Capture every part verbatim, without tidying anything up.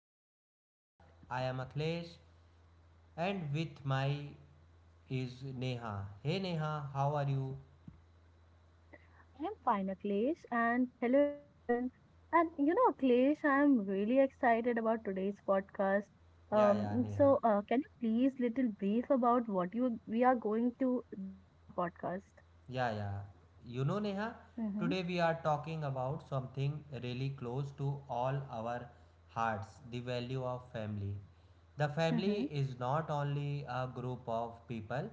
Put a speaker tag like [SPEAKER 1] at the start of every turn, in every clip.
[SPEAKER 1] our podcast. I am Akhilesh and with my is Neha. Hey Neha, how are you?
[SPEAKER 2] I'm fine, Akhilesh, and hello everyone. And you know, Akhilesh, I'm really excited about today's podcast.
[SPEAKER 1] Yeah, yeah,
[SPEAKER 2] Um,
[SPEAKER 1] Neha.
[SPEAKER 2] so uh, can you please little brief about what you we are going to do in our podcast?
[SPEAKER 1] Yeah, yeah. You know, Neha,
[SPEAKER 2] Mm-hmm,
[SPEAKER 1] today we are talking about something really close to all our hearts, the value of family. The
[SPEAKER 2] mm-hmm,
[SPEAKER 1] family is not only a group of people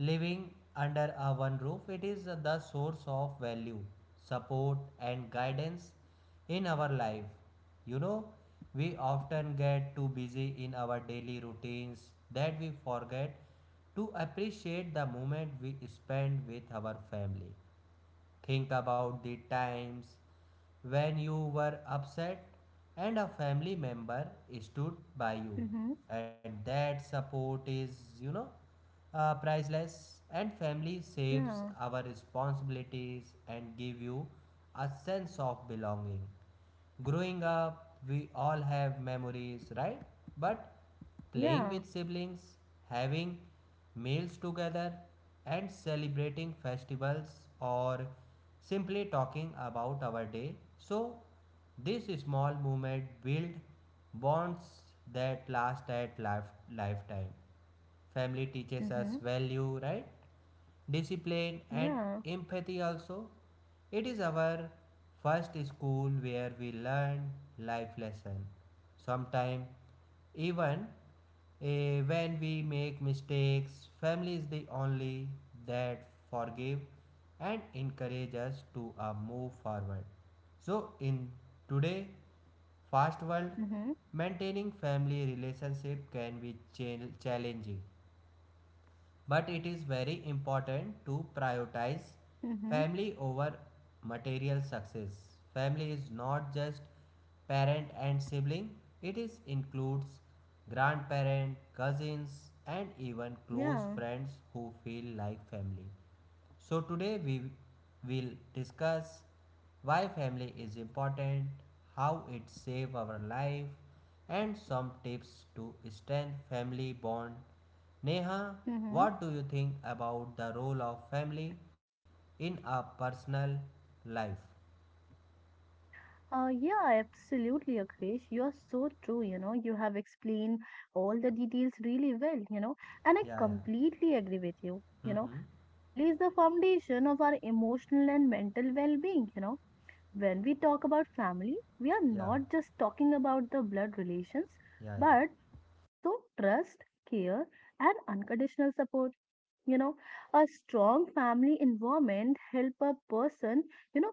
[SPEAKER 1] living under a one roof, it is the source of value, support, and guidance in our life. You know, we often get too busy in our daily routines that we forget to appreciate the moment we spend with our family. Think about the times when you were upset and a family member stood by you,
[SPEAKER 2] mm-hmm.
[SPEAKER 1] and that support is, you know, uh, priceless, and family shapes
[SPEAKER 2] Yeah,
[SPEAKER 1] our responsibilities and give you a sense of belonging. Growing up we all have memories, right? But playing
[SPEAKER 2] yeah,
[SPEAKER 1] with siblings, having meals together, and celebrating festivals, or simply talking about our day. So this small movement build bonds that last at life lifetime. Family teaches us
[SPEAKER 2] mm-hmm,
[SPEAKER 1] value, right? Discipline and
[SPEAKER 2] yeah,
[SPEAKER 1] empathy also. It is our first school where we learn life lesson. Sometimes even eh, when we make mistakes, family is the only that forgive and encourage us to uh, move forward. So in today fast world,
[SPEAKER 2] mm-hmm,
[SPEAKER 1] maintaining family relationship can be chal- challenging. But it is very important to prioritize
[SPEAKER 2] mm-hmm,
[SPEAKER 1] family over material success. Family is not just parent and sibling, it is includes grandparent, cousins, and even close
[SPEAKER 2] yeah,
[SPEAKER 1] friends who feel like family. So today we will discuss why family is important, how it save our life, and some tips to strengthen family bond. Neha,
[SPEAKER 2] mm-hmm.
[SPEAKER 1] what do you think about the role of family in a personal life?
[SPEAKER 2] Uh, yeah, absolutely, Akhilesh. You are so true. You know, you have explained all the details really well, you know, and I
[SPEAKER 1] Yeah, yeah.
[SPEAKER 2] completely agree with you. You know,
[SPEAKER 1] Mm-hmm.
[SPEAKER 2] family is the foundation of our emotional and mental well-being. You know, when we talk about family, we are
[SPEAKER 1] yeah.
[SPEAKER 2] not just talking about the blood relations,
[SPEAKER 1] Yeah, yeah.
[SPEAKER 2] but also trust, care, and unconditional support, you know. A strong family environment help a person, you know,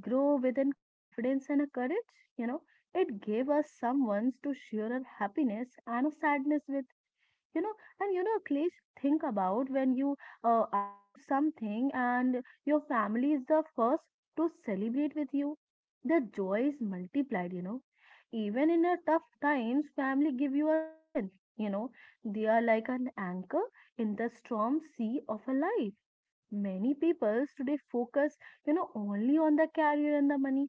[SPEAKER 2] grow within confidence and a courage, you know. It gave us someone to share our happiness and a sadness with, you know. And you know, please think about when you uh, achieve something and your family is the first to celebrate with you, the joy is multiplied, you know. Even in a tough times, family give you a strength, you know. They are like an anchor in the storm sea of a life. Many people today focus, you know, only on the career and the money,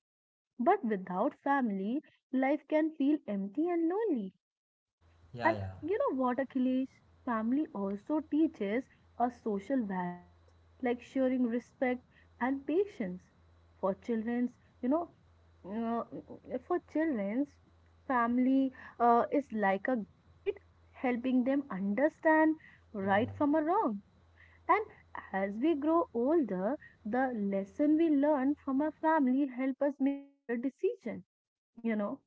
[SPEAKER 2] but without family, life can feel empty and lonely.
[SPEAKER 1] Yeah,
[SPEAKER 2] And
[SPEAKER 1] yeah.
[SPEAKER 2] you know what, Achilles? Family also teaches us social values like sharing, respect, and patience. For children's, you know, uh, uh, for children's, family uh, is like a guide, helping them understand
[SPEAKER 1] Yeah, yeah.
[SPEAKER 2] right from a wrong. And as we grow older, the lesson we learn from our family help us make better decision. You know,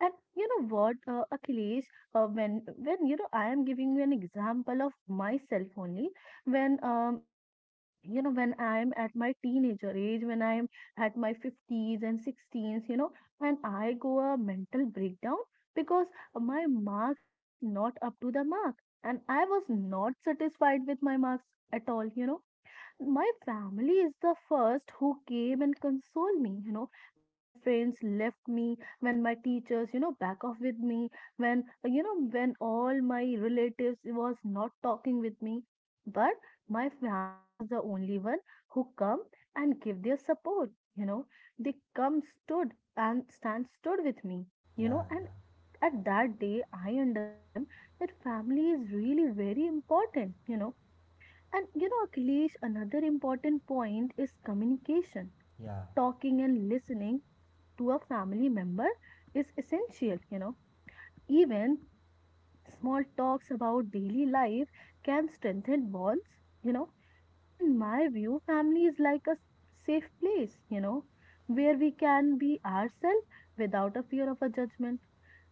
[SPEAKER 2] and you know what, uh, Achilles, uh, when when you know I am giving you an example of myself only. When um you know when I am at my teenager age, when I am at my fifties and sixteens, you know, and I go a mental breakdown because my marks was not up to the mark, and I was not satisfied with my marks at all. You know, my family is the first who came and console me, you know, when my friends left me, when my teachers, you know, back off with me, when you know when all my relatives was not talking with me, but my family is the only one who come and give their support, you know. They come stood and stand stood with me, you
[SPEAKER 1] Yeah,
[SPEAKER 2] know. And
[SPEAKER 1] yeah.
[SPEAKER 2] at that day, I understand that family is really very important, you know. And you know, Akhilesh, another important point is communication.
[SPEAKER 1] Yeah,
[SPEAKER 2] Talking and listening to a family member is essential, you know. Even small talks about daily life can strengthen bonds, you know. And in my view, family is like a safe place, you know, where we can be ourselves without a fear of a judgment.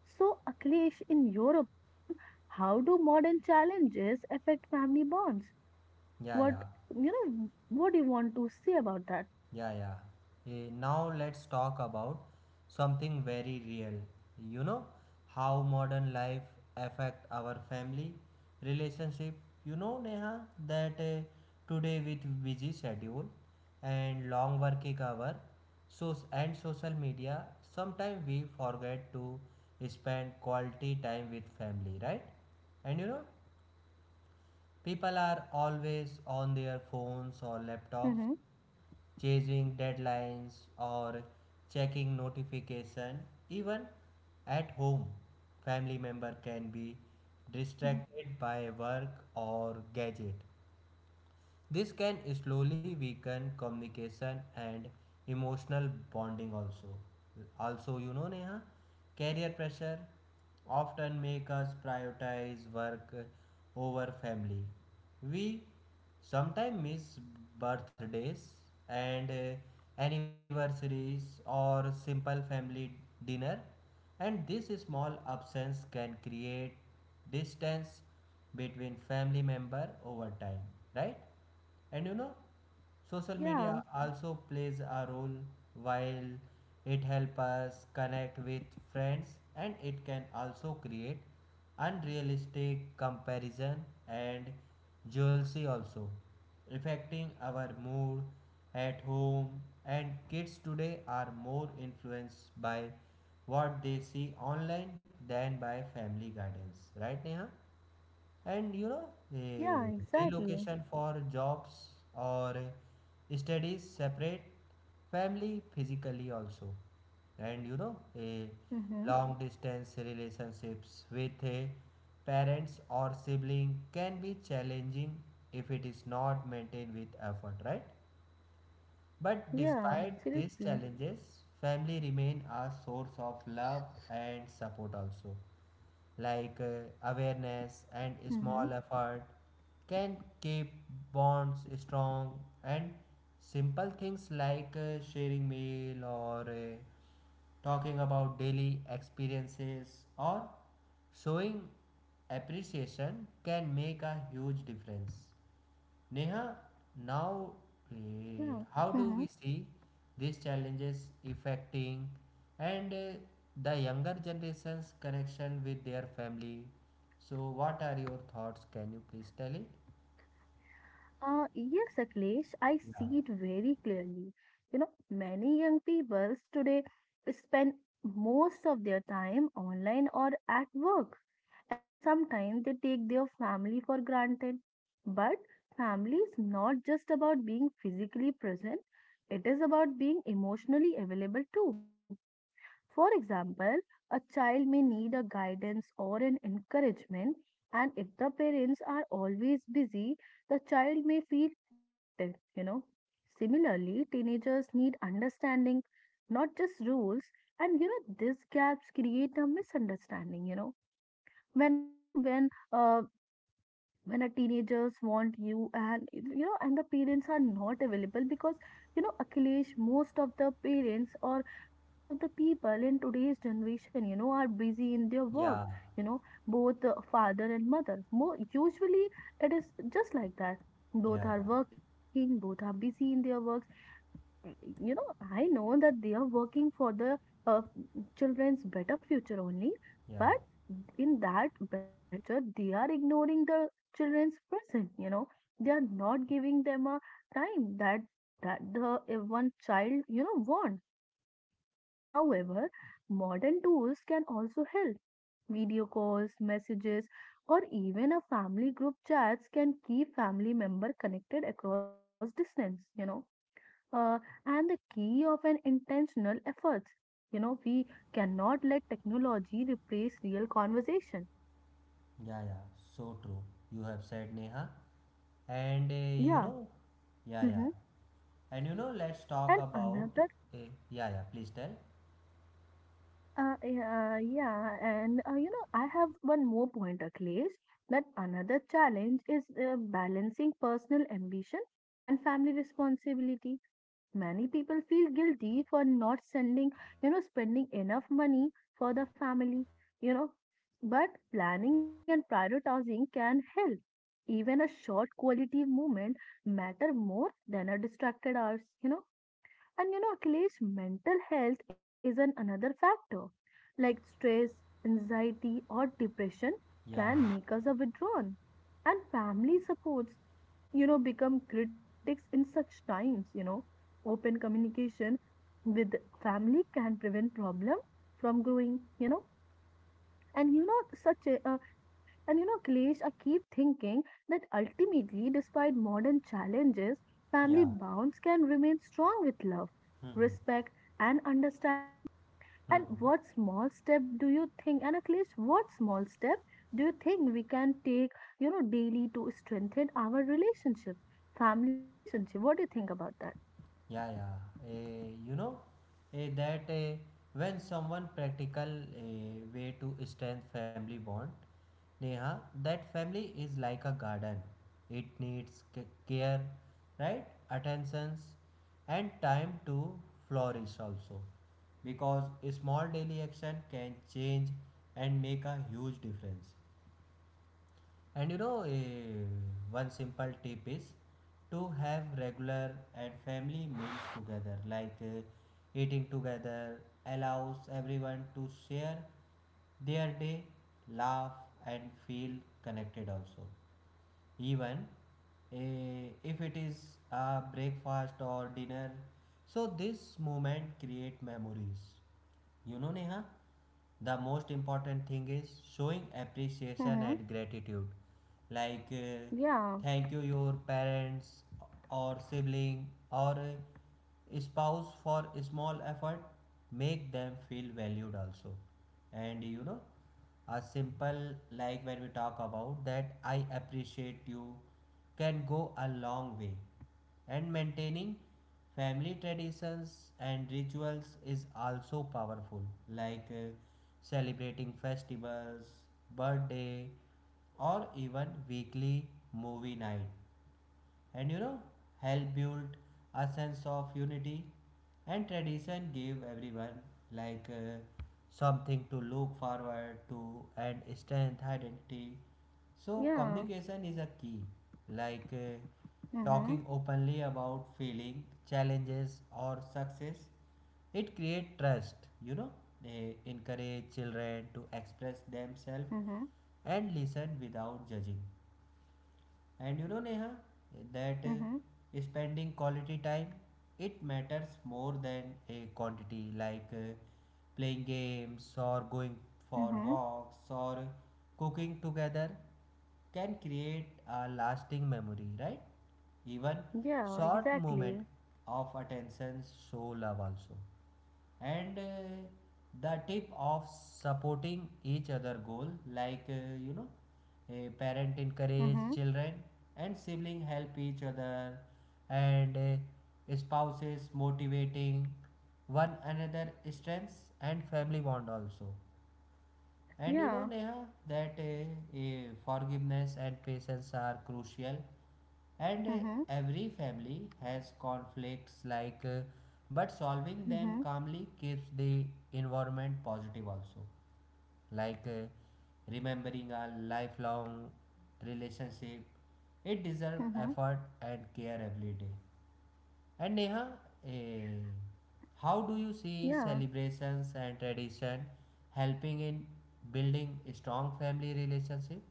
[SPEAKER 2] So, Akhilesh, in your opinion, how do modern challenges affect family bonds?
[SPEAKER 1] yeah,
[SPEAKER 2] What
[SPEAKER 1] yeah.
[SPEAKER 2] you know? What do you want to say about that?
[SPEAKER 1] Yeah, yeah. Eh, now let's talk about something very real. You know how modern life affect our family relationship. You know Neha that eh, today with busy schedule and long working hour, so and social media, sometimes we forget to spend quality time with family, right? And you know people are always on their phones or laptops,
[SPEAKER 2] Mm-hmm.
[SPEAKER 1] chasing deadlines or checking notification. Even at home family member can be
[SPEAKER 2] Hmm.
[SPEAKER 1] distracted by work or gadget. This can slowly weaken communication and emotional bonding also. Also, you know Neha, career pressure often make us prioritize work over family. We sometimes miss birthdays and uh, anniversaries or simple family dinner, and this small absence can create distance between family member over time, right? And you know, social
[SPEAKER 2] Yeah,
[SPEAKER 1] media also plays a role. While it helps us connect with friends, and it can also create unrealistic comparison and jealousy also, affecting our mood at home. And kids today are more influenced by what they see online than by family guidance, right Neha? And you know
[SPEAKER 2] yeah,
[SPEAKER 1] eh,
[SPEAKER 2] exactly.
[SPEAKER 1] relocation for jobs or studies separate family physically also. And you know a
[SPEAKER 2] Mm-hmm.
[SPEAKER 1] long distance relationships with a parents or sibling can be challenging if it is not maintained with effort, right? But
[SPEAKER 2] Yeah,
[SPEAKER 1] despite these
[SPEAKER 2] absolutely.
[SPEAKER 1] challenges, family remain a source of love and support also. Like uh, awareness and
[SPEAKER 2] Mm-hmm.
[SPEAKER 1] small effort can keep bonds strong, and simple things like uh, sharing meal or uh, talking about daily experiences or showing appreciation can make a huge difference. Neha, now uh,
[SPEAKER 2] Yeah.
[SPEAKER 1] how do
[SPEAKER 2] Mm-hmm.
[SPEAKER 1] we see these challenges affecting and uh, the younger generation's connection with their family? So, what are your thoughts? Can you please tell it?
[SPEAKER 2] Uh, yes, Akhilesh, I
[SPEAKER 1] Yeah,
[SPEAKER 2] see it very clearly. You know, many young people today spend most of their time online or at work, and sometimes they take their family for granted. But family is not just about being physically present, it is about being emotionally available too. For example, a child may need a guidance or an encouragement, and if the parents are always busy, the child may feel neglected, you know. Similarly, teenagers need understanding, not just rules, and you know, these gaps create a misunderstanding, you know. When you know when uh, when a teenagers want you, and you know, and the parents are not available because, you know, Akhilesh, most of the parents or most of the people in today's generation, you know, are busy in their work,
[SPEAKER 1] yeah,
[SPEAKER 2] you know, both uh, father and mother more usually. It is just like that, both
[SPEAKER 1] yeah,
[SPEAKER 2] are
[SPEAKER 1] yeah,
[SPEAKER 2] working, both are busy in their works. uh, you know, I know that they are working for the uh, children's better future only, but
[SPEAKER 1] yeah,
[SPEAKER 2] in that better future, they are ignoring the children's present. You know, they are not giving them a time that that the uh, one child, you know, want. However, modern tools can also help. Video calls, messages, or even a family group chats can keep family member connected across distance. You know, uh, and the key of an intentional efforts. You know, we cannot let technology replace real conversation.
[SPEAKER 1] yeah, yeah. So true. You have said Neha, and uh, you
[SPEAKER 2] Yeah.
[SPEAKER 1] know, yeah,
[SPEAKER 2] Mm-hmm.
[SPEAKER 1] yeah, and you know, let's talk
[SPEAKER 2] And
[SPEAKER 1] about,
[SPEAKER 2] another,
[SPEAKER 1] uh, yeah, yeah. Please tell.
[SPEAKER 2] uh, yeah, yeah, and uh, you know, I have one more point, Akhilesh, that another challenge is uh, balancing personal ambition and family responsibility. Many people feel guilty for not sending, you know, spending enough money
[SPEAKER 1] Yeah,
[SPEAKER 2] for the family, you know. But planning and prioritizing can help. Even a short quality movement matter more than a distracted hours, you know. And you know, Akhilesh, mental health is an another factor, like stress, anxiety, or depression,
[SPEAKER 1] yeah,
[SPEAKER 2] can make us a withdrawn, and family supports, you know, become critics in such times, you know. Open communication with family can prevent problem from growing, you know. and you know such a uh, and you know, Klesh, I keep thinking that ultimately, despite modern challenges, family
[SPEAKER 1] yeah.
[SPEAKER 2] bonds can remain strong with love,
[SPEAKER 1] Mm-hmm.
[SPEAKER 2] respect, and understanding. And what small step do you think, and at least what small step do you think we can take, you know, daily to strengthen our relationship, family relationship? What do you think about that?
[SPEAKER 1] Yeah, yeah. Eh, you know eh, that eh, when someone practical eh, way to strengthen family bond, Neha, that family is like a garden. It needs ca- care, right? Attentions and time to flourish also. Because a small daily action can change and make a huge difference. And you know, eh, one simple tip is to have regular and family meals together. Like eh, eating together allows everyone to share their day, laugh, and feel connected also, even eh, if it is a breakfast or dinner. So this moment create memories. You know neha the most important thing is showing appreciation
[SPEAKER 2] Mm-hmm.
[SPEAKER 1] and gratitude. Like uh,
[SPEAKER 2] Yeah.
[SPEAKER 1] thank you your parents or sibling or uh, spouse for small effort, make them feel valued also. And you know a simple, like when we talk about that I appreciate you, can go a long way. And maintaining family traditions and rituals is also powerful, like uh, celebrating festivals, birthday, or even weekly movie night. And you know help build a sense of unity, and tradition gave everyone like uh, something to look forward to and strength identity. So
[SPEAKER 2] Yeah.
[SPEAKER 1] communication is a key, like uh,
[SPEAKER 2] Mm-hmm.
[SPEAKER 1] talking openly about feeling, challenges or success. It creates trust. you know they encourage children to express
[SPEAKER 2] Mm-hmm.
[SPEAKER 1] themselves and listen without judging. And you know, Neha, that
[SPEAKER 2] Mm-hmm.
[SPEAKER 1] uh, spending quality time, it matters more than a quantity, like uh, playing games or going for
[SPEAKER 2] Mm-hmm.
[SPEAKER 1] walks or cooking together can create a lasting memory, right? Even
[SPEAKER 2] Yeah,
[SPEAKER 1] short moment
[SPEAKER 2] exactly.
[SPEAKER 1] of attention show love also. And uh, the tip of supporting each other goal, like uh, you know a parent encourage
[SPEAKER 2] Mm-hmm.
[SPEAKER 1] children, and sibling help each other, and uh, spouses motivating one another strengths and family bond also. And you know,
[SPEAKER 2] Yeah.
[SPEAKER 1] Neha, that uh, uh, forgiveness and patience are crucial. And uh,
[SPEAKER 2] Mm-hmm.
[SPEAKER 1] every family has conflicts, like, uh, but solving them
[SPEAKER 2] Mm-hmm.
[SPEAKER 1] calmly keeps the environment positive also. Like uh, remembering a lifelong relationship, it deserves
[SPEAKER 2] Mm-hmm.
[SPEAKER 1] effort and care every day. And Neha, eh, how do you see
[SPEAKER 2] Yeah.
[SPEAKER 1] celebrations and tradition helping in building strong family relationship?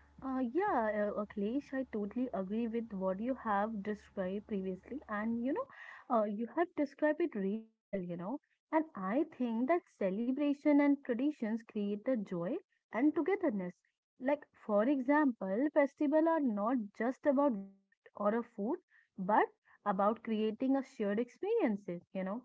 [SPEAKER 2] Uh, yeah, uh, uh, Akhilesh, I totally agree with what you have described previously, and you know, uh, you have described it really well, you know. And I think that celebration and traditions create the joy and togetherness. Like, for example, festivals are not just about gift or a food, but about creating a shared experiences, you know.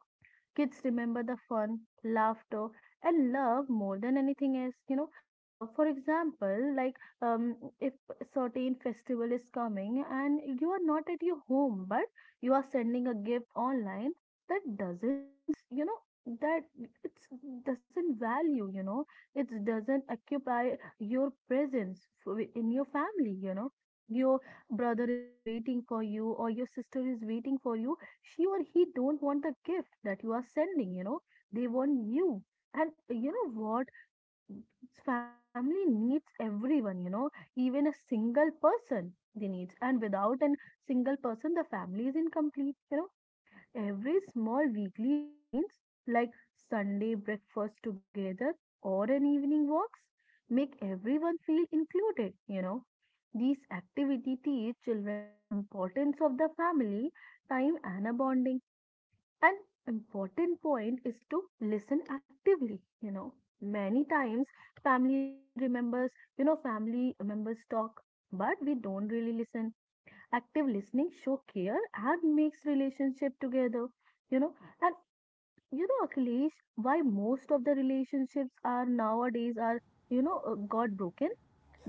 [SPEAKER 2] Kids remember the fun, laughter, and love more than anything else. You know, uh, for example, like um, if a certain festival is coming and you are not at your home, but you are sending a gift online, that doesn't means, you know, that it's doesn't value. You know, it doesn't occupy your presence f- in your family. You know, your brother is waiting for you or your sister is waiting for you, she or he don't want the gift that you are sending, you know. They want you. And you know what, family needs everyone, you know. Even a single person, they needs, and without a single person, the family is incomplete, you know. Every small weekly routines, like Sunday breakfast together or an evening walks, make everyone feel included, you know. These activity teach children the importance of the family time and a bonding. An important point is to listen actively. You know, many times family remembers, you know, family members talk, but we don't really listen. Active listening show care and makes relationship together. You know, and you know, Akhilesh, why most of the relationships are nowadays are, you know, uh, got broken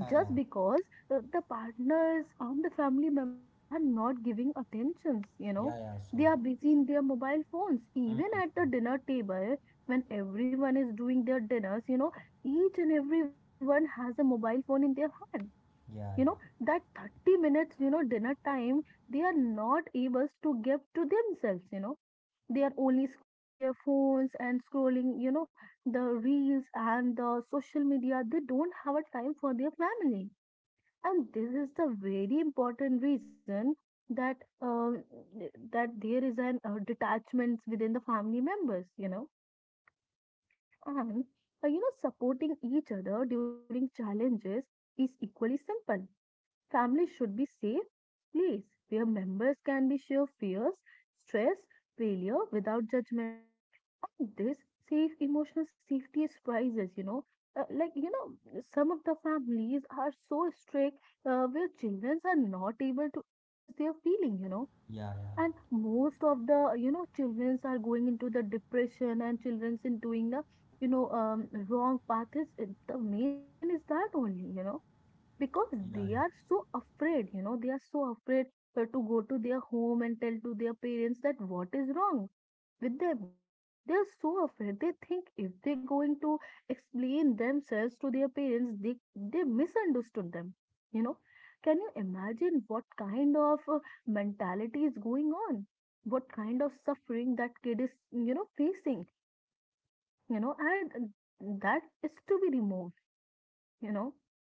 [SPEAKER 1] Yeah,
[SPEAKER 2] just
[SPEAKER 1] yeah,
[SPEAKER 2] because the, the partners and the family members are not giving attentions, you know.
[SPEAKER 1] yeah, yeah, so
[SPEAKER 2] They are
[SPEAKER 1] true.
[SPEAKER 2] busy in their mobile phones even at the
[SPEAKER 1] Mm-hmm.
[SPEAKER 2] dinner table, when everyone is doing their dinners, you know. Each and everyone has a mobile phone in their hand, you
[SPEAKER 1] Yeah,
[SPEAKER 2] know,
[SPEAKER 1] yeah,
[SPEAKER 2] that thirty minutes, you know, dinner time, they are not able to give to themselves, you know. They are only scrolling their phones and scrolling, you know, the reels and the social media. They don't have a time for their family, and this is the very important reason that uh, that there is an uh, detachments within the family members, you know. And uh, you know, supporting each other during challenges is equally simple. Family should be safe place where members can be share fears, stress, failure without judgment, and this safe emotional safety is priceless, you know. Uh, like, you know, some of the families are so strict, uh, where children are not able to express their feeling, you know.
[SPEAKER 1] yeah, yeah,
[SPEAKER 2] And most of the, you know, children are going into the depression, and children's in doing the, you know, um, wrong path is the main reason is that only, you know, because
[SPEAKER 1] yeah,
[SPEAKER 2] they
[SPEAKER 1] yeah,
[SPEAKER 2] are so afraid, you know, they are so afraid, uh, to go to their home and tell to their parents that what is wrong with them, you know. They are so afraid, they think if they're going to explain themselves to their parents, they they misunderstood them, you know. Can you imagine what kind of uh, mentality is going on, what kind of suffering that kid is, you know, facing, you know. And uh, that is to be removed, you know.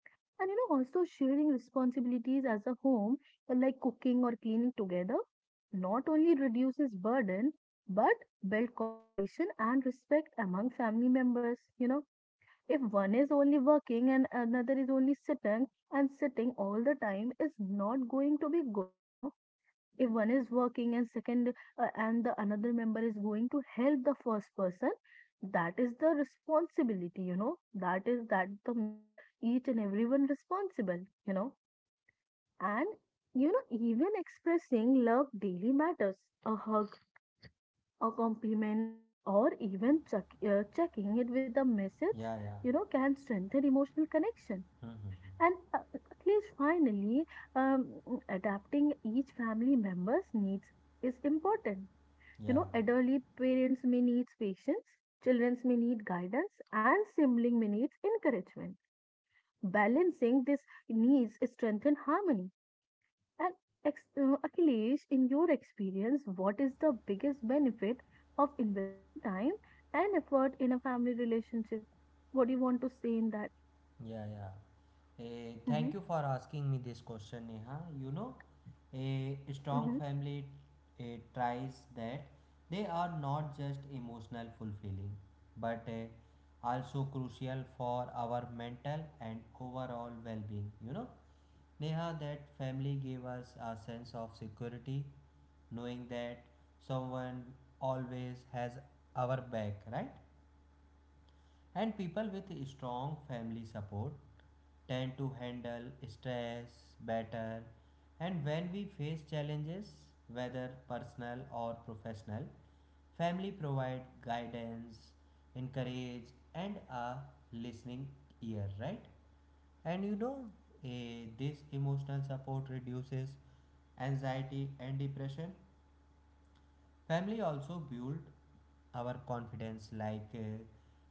[SPEAKER 2] And you know, also sharing responsibilities as a home, uh, like cooking or cleaning together, not only reduces burden, but build cooperation and respect among family members. You know, if one is only working and another is only sitting and sitting all the time, is not going to be good, you know. If one is working and second uh, and the another member is going to help the first person, that is the responsibility, you know, that is that the make each and everyone responsible, you know. And you know, even expressing love daily matters, a hug, a compliment, or even check, uh, checking it with a message,
[SPEAKER 1] yeah, yeah.
[SPEAKER 2] you know, can strengthen emotional connection.
[SPEAKER 1] Mm-hmm.
[SPEAKER 2] And uh, at least finally um, adapting each family member's needs is important. You
[SPEAKER 1] Yeah.
[SPEAKER 2] know, elderly parents may need patience, children may need guidance, and sibling may need encouragement. Balancing these needs strengthen harmony. And ex- uh, Akhilesh, in your experience, what is the biggest benefit of investing time and effort in a family relationship? What do you want to say in that?
[SPEAKER 1] Yeah, yeah. Eh,
[SPEAKER 2] Mm-hmm,
[SPEAKER 1] thank you for asking me this question, Neha. You know, A
[SPEAKER 2] mm-hmm,
[SPEAKER 1] strong family uh, tries that they are not just emotional fulfilling, but uh, also crucial for our mental and overall well-being. You know neha that family gave us a sense of security, knowing that someone always has our back, right? And people with strong family support tend to handle stress better. And when we face challenges, whether personal or professional, family provide guidance, encourage, and a listening ear, right? And you know, eh, this emotional support reduces anxiety and depression. Family also build our confidence, like uh,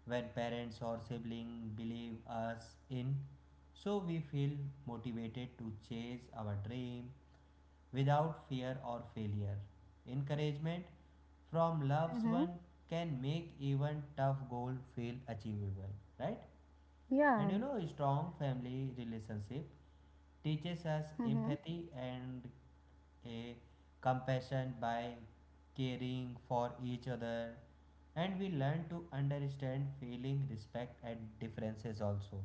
[SPEAKER 1] when parents or sibling believe us in, so we feel motivated to chase our dream without fear or failure. Encouragement from loved
[SPEAKER 2] mm-hmm,
[SPEAKER 1] one can make even tough goal feel achievable, right? And
[SPEAKER 2] yeah,
[SPEAKER 1] you know, a strong family relationship teaches us
[SPEAKER 2] mm-hmm,
[SPEAKER 1] empathy and a compassion. By caring for each other, and we learn to understand feeling, respect, and differences also,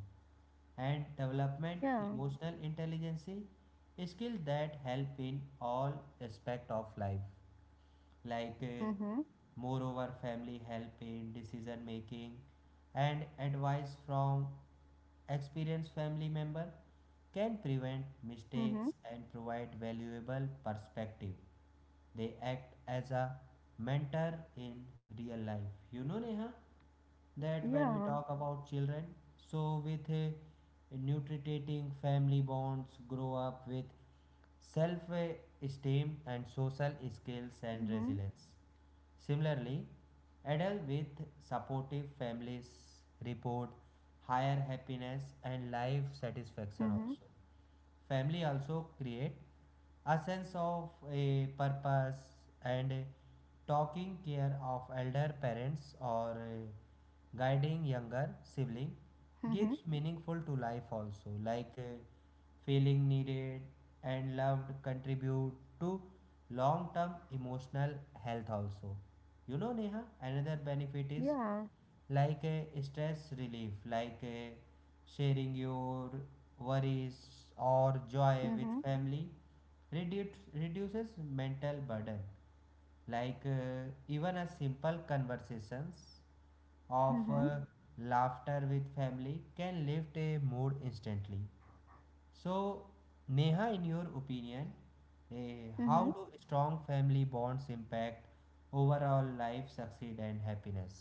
[SPEAKER 1] and development
[SPEAKER 2] yeah,
[SPEAKER 1] emotional intelligence, a skill that help in all aspect of life. Like uh,
[SPEAKER 2] mm-hmm,
[SPEAKER 1] moreover, family help in decision making, and advice from experienced family member can prevent
[SPEAKER 2] mm-hmm,
[SPEAKER 1] mistakes and provide valuable perspective. They act as a mentor in real life. You know, Neha, that when we
[SPEAKER 2] yeah,
[SPEAKER 1] talk about children, so with a nutritating family bonds, grow up with self esteem and social skills and
[SPEAKER 2] mm-hmm,
[SPEAKER 1] resilience. Similarly, adults with supportive families report higher happiness and life
[SPEAKER 2] mm-hmm,
[SPEAKER 1] satisfaction also. Family also create a sense of a purpose, and taking care of elder parents or uh, guiding younger sibling gives
[SPEAKER 2] mm-hmm,
[SPEAKER 1] meaningful to life also. Like uh, feeling needed and loved contribute to long term emotional health also. You know neha another benefit is,
[SPEAKER 2] yeah.
[SPEAKER 1] like uh, stress relief. Like uh, sharing your worries or joy with
[SPEAKER 2] Mm-hmm.
[SPEAKER 1] family reduce, reduces mental burden. Like uh, even a simple conversations of uh,
[SPEAKER 2] Mm-hmm.
[SPEAKER 1] laughter with family can lift a mood instantly. So Neha, in your opinion, uh, how
[SPEAKER 2] Mm-hmm.
[SPEAKER 1] do strong family bonds impact overall life succeed and happiness?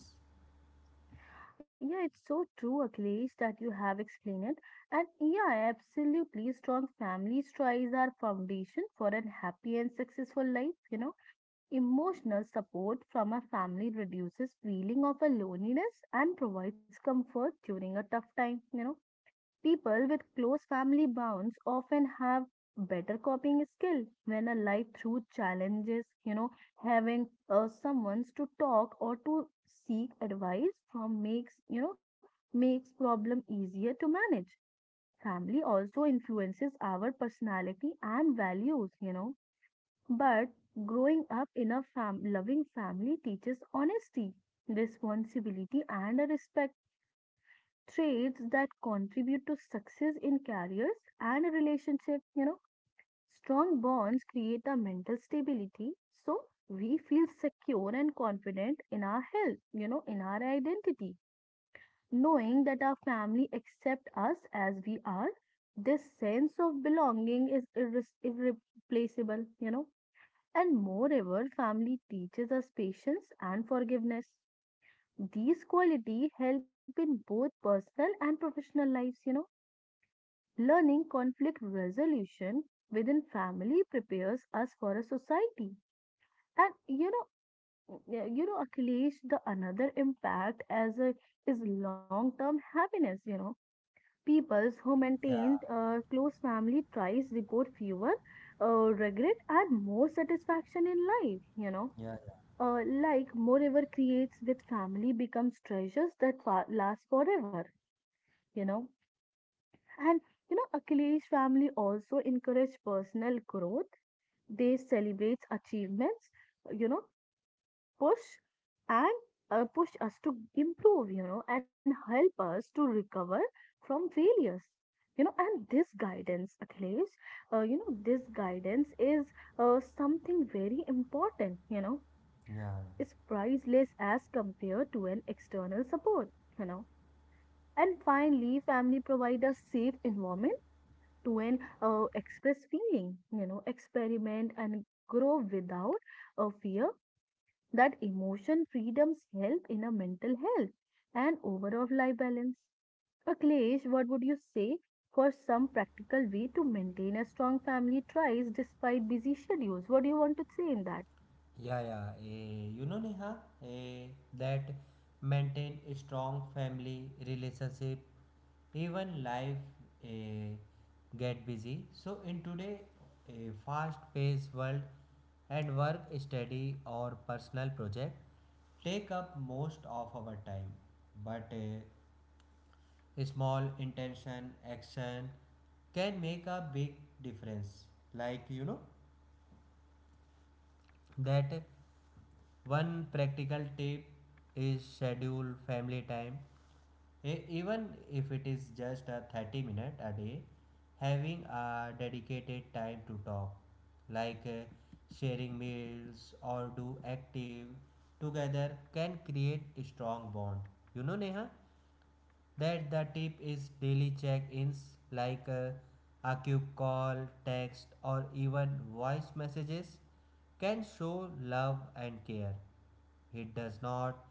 [SPEAKER 2] Yeah, it's so true, Akhilesh, that you have explained it. And yeah, absolutely. Strong family ties are foundation for a happy and successful life. You know, emotional support from a family reduces feeling of a loneliness and provides comfort during a tough time. You know, people with close family bonds often have better coping skill when a life through challenges, you know, having uh, someone to talk or to seek advice from makes, you know, makes problem easier to manage. Family also influences our personality and values, you know, but growing up in a fam- loving family teaches honesty, responsibility and a respect, traits that contribute to success in careers and relationship. You know, strong bonds create a mental stability, so we feel secure and confident in our health, you know, in our identity, knowing that our family accept us as we are. This sense of belonging is irres irreplaceable, you know. And moreover family teaches us patience and forgiveness, these qualities help in both personal and professional lives, you know. Learning conflict resolution within family prepares us for a society. And you know, y- you know, Akhilesh, the another impact as a, is long-term happiness. You know, peoples who
[SPEAKER 1] Yeah,
[SPEAKER 2] maintained uh, close family ties report fewer uh, regret and more satisfaction in life. You know,
[SPEAKER 1] yeah,
[SPEAKER 2] uh, like moreover creates with family becomes treasures that fa- last forever. You know. And you know, Akhilesh, family also encourage personal growth. They celebrate achievements, you know, push and uh, push us to improve, you know, and help us to recover from failures. You know, and this guidance, Akhilesh, uh, you know, this guidance is uh, something very important, you know,
[SPEAKER 1] yeah,
[SPEAKER 2] is priceless as compared to an external support, you know. And finally, family provide a safe environment to an uh, express feeling, you know, experiment and grow without a fear. That emotion freedoms help in a mental health and overall life balance. Akhilesh, what would you say for some practical way to maintain a strong family ties despite busy schedules? What do you want to say in that?
[SPEAKER 1] yeah, yeah. Eh, you know, Neha, eh, that maintain a strong family relationship even life uh, get busy, so in today a fast paced world, and work study or personal project take up most of our time. But uh, small intention action can make a big difference. Like you know that one practical tip is schedule family time. E- even if it is just a thirty minute a day, having a dedicated time to talk like uh, sharing meals or do active together can create a strong bond. You know neha that the tip is daily check-ins. Like uh, a quick call, text, or even voice messages can show love and care. It does not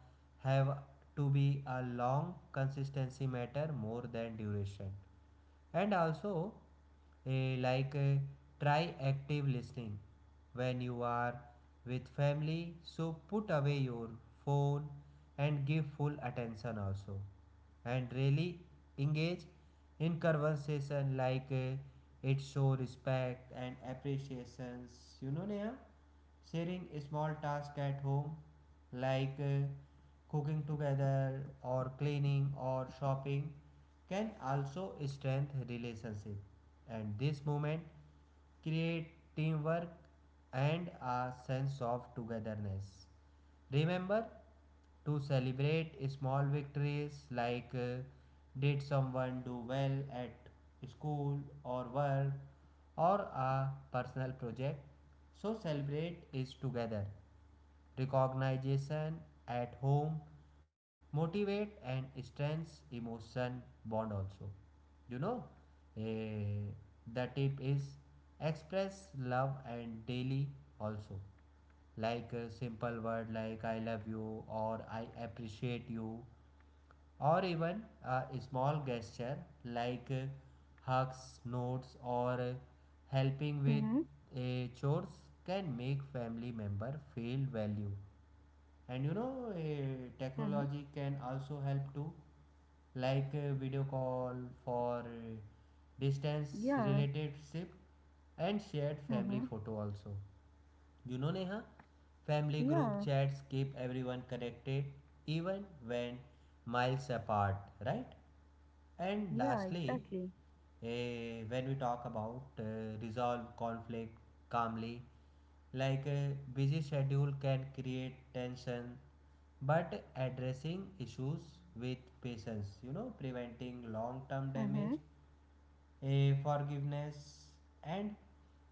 [SPEAKER 1] have to be a long, consistency matter more than duration. And also, a like eh, try active listening when you are with family. So put away your phone and give full attention also, and really engage in conversation. Like eh, it show respect and appreciations. You know, Neha. Sharing small tasks at home, like uh, cooking together or cleaning or shopping, can also strengthen relationship. And this moment create teamwork and a sense of togetherness. Remember to celebrate small victories like uh, did someone do well at school or work or a personal project. So celebrate is together. Recognition at home motivate and strengths emotion bond also. You know, eh, the tip is express love and daily also, like a simple word like I love you or I appreciate you, or even a small gesture like uh, hugs notes or uh, helping
[SPEAKER 2] Mm-hmm,
[SPEAKER 1] with uh, chores can make family member feel value. And you know uh,
[SPEAKER 2] mm-hmm,
[SPEAKER 1] technology can also help too, like uh, video call for uh, distance
[SPEAKER 2] yeah,
[SPEAKER 1] related ship and shared family
[SPEAKER 2] mm-hmm,
[SPEAKER 1] photo also. you know, Neha, family group
[SPEAKER 2] yeah,
[SPEAKER 1] chats keep everyone connected even when miles apart, right? And
[SPEAKER 2] yeah,
[SPEAKER 1] lastly,
[SPEAKER 2] exactly.
[SPEAKER 1] eh, when we talk about uh, resolve conflict calmly. Like a busy schedule can create tension, but addressing issues with patience, you know, preventing long term
[SPEAKER 2] Mm-hmm,
[SPEAKER 1] damage. A forgiveness and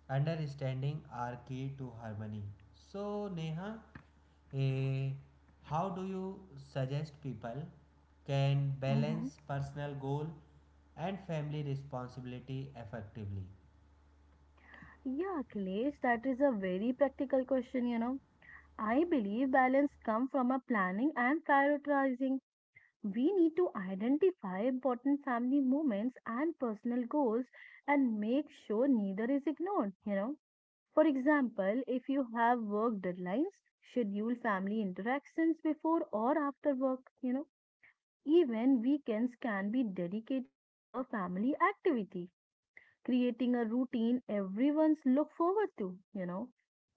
[SPEAKER 1] understanding are key to harmony. So, Neha, a, how do you suggest people can
[SPEAKER 2] mm-hmm.
[SPEAKER 1] balance personal goal and family responsibility effectively?
[SPEAKER 2] Yeah, Akhilesh, that is a very practical question, you know. I believe balance comes from a planning and prioritizing. We need to identify important family moments and personal goals and make sure neither is ignored, you know. For example, if you have work deadlines, schedule family interactions before or after work, you know. Even weekends can be dedicated to a family activity, creating a routine everyone's look forward to, you know.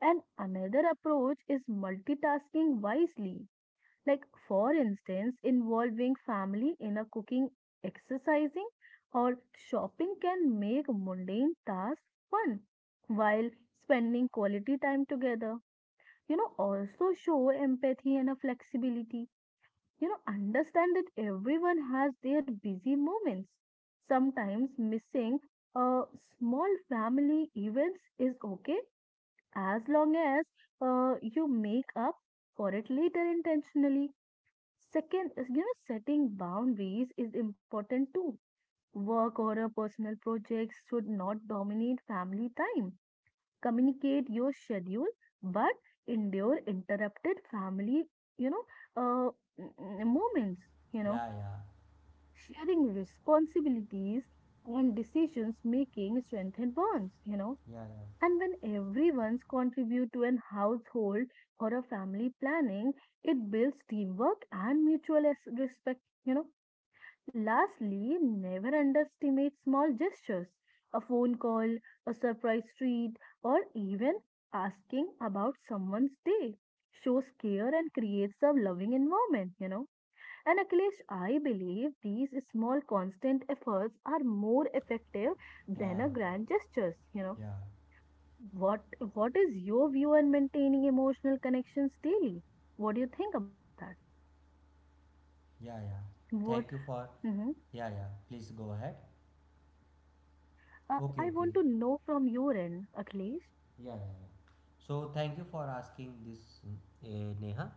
[SPEAKER 2] And another approach is multitasking wisely, like for instance involving family in a cooking, exercising, or shopping can make mundane tasks fun while spending quality time together, you know. Also show empathy and a flexibility, you know. Understand that everyone has their busy moments, sometimes missing a small family events is okay, as long as uh, you make up for it later intentionally. Second is, you know, setting boundaries is important too. Work or a personal projects should not dominate family time. Communicate your schedule, but endure interrupted family, you know, uh, m- m- moments, you know,
[SPEAKER 1] Yeah, yeah,
[SPEAKER 2] sharing responsibilities and decisions making strengthen bonds, you know.
[SPEAKER 1] yeah,
[SPEAKER 2] And when everyone's contribute to an household or a family planning, it builds teamwork and mutual es- respect, you know. Lastly, never underestimate small gestures. A phone call, a surprise treat, or even asking about someone's day shows care and creates a loving environment, you know. And Akhilesh, I believe these small constant efforts are more effective
[SPEAKER 1] yeah,
[SPEAKER 2] than
[SPEAKER 1] yeah,
[SPEAKER 2] a grand gestures, you know.
[SPEAKER 1] yeah,
[SPEAKER 2] What what is your view on maintaining emotional connections daily? What do you think about that?
[SPEAKER 1] yeah, yeah. Thank
[SPEAKER 2] What,
[SPEAKER 1] you for
[SPEAKER 2] hmm,
[SPEAKER 1] Yeah, yeah. Please go ahead.
[SPEAKER 2] uh,
[SPEAKER 1] Okay,
[SPEAKER 2] I
[SPEAKER 1] okay.
[SPEAKER 2] want to know from your end, Akhilesh.
[SPEAKER 1] Yeah, yeah, yeah. So thank you for asking this, uh, Neha.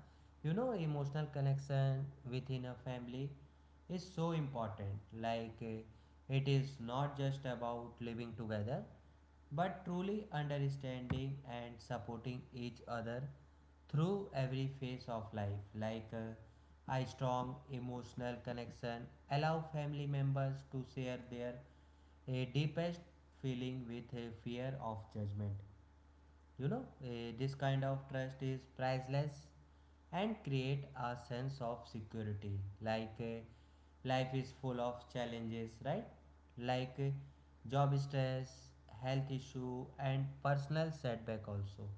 [SPEAKER 1] You know, emotional connection within a family is so important. Like, uh, it is not just about living together, but truly understanding and supporting each other through every phase of life. Like, uh, a strong emotional connection allow family members to share their uh, deepest feeling with a fear of judgment. You know, eh, this kind of trust is priceless and create a sense of security. Like eh, life is full of challenges, right? Like eh, job stress, health issue and personal setback also.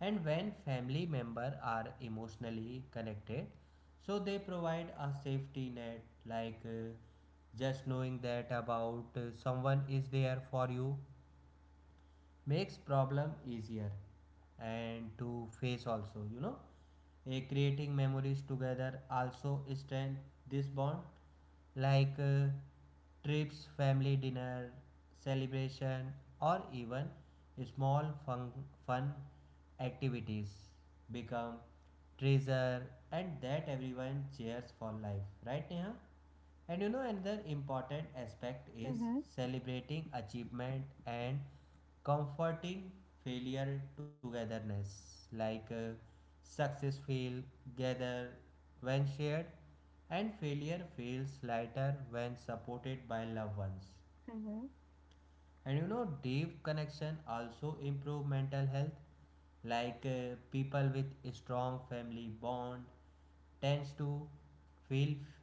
[SPEAKER 1] And when family member are emotionally connected, so they provide a safety net. Like eh, just knowing that about uh, someone is there for you makes problem easier and to face also you know Eh, creating memories together also strengthen this bond, like uh, trips family dinner celebration or even small fun, fun activities become treasure and that everyone cheers for life, right, Neha? And you know, another important aspect is
[SPEAKER 2] Mm-hmm,
[SPEAKER 1] celebrating achievement and comforting failure togetherness. Like uh, success feels gather when shared, and failure feels lighter when supported by loved ones.
[SPEAKER 2] mm-hmm,
[SPEAKER 1] And you know deep connection also improve mental health. Like uh, people with a strong family bond tends to feel f-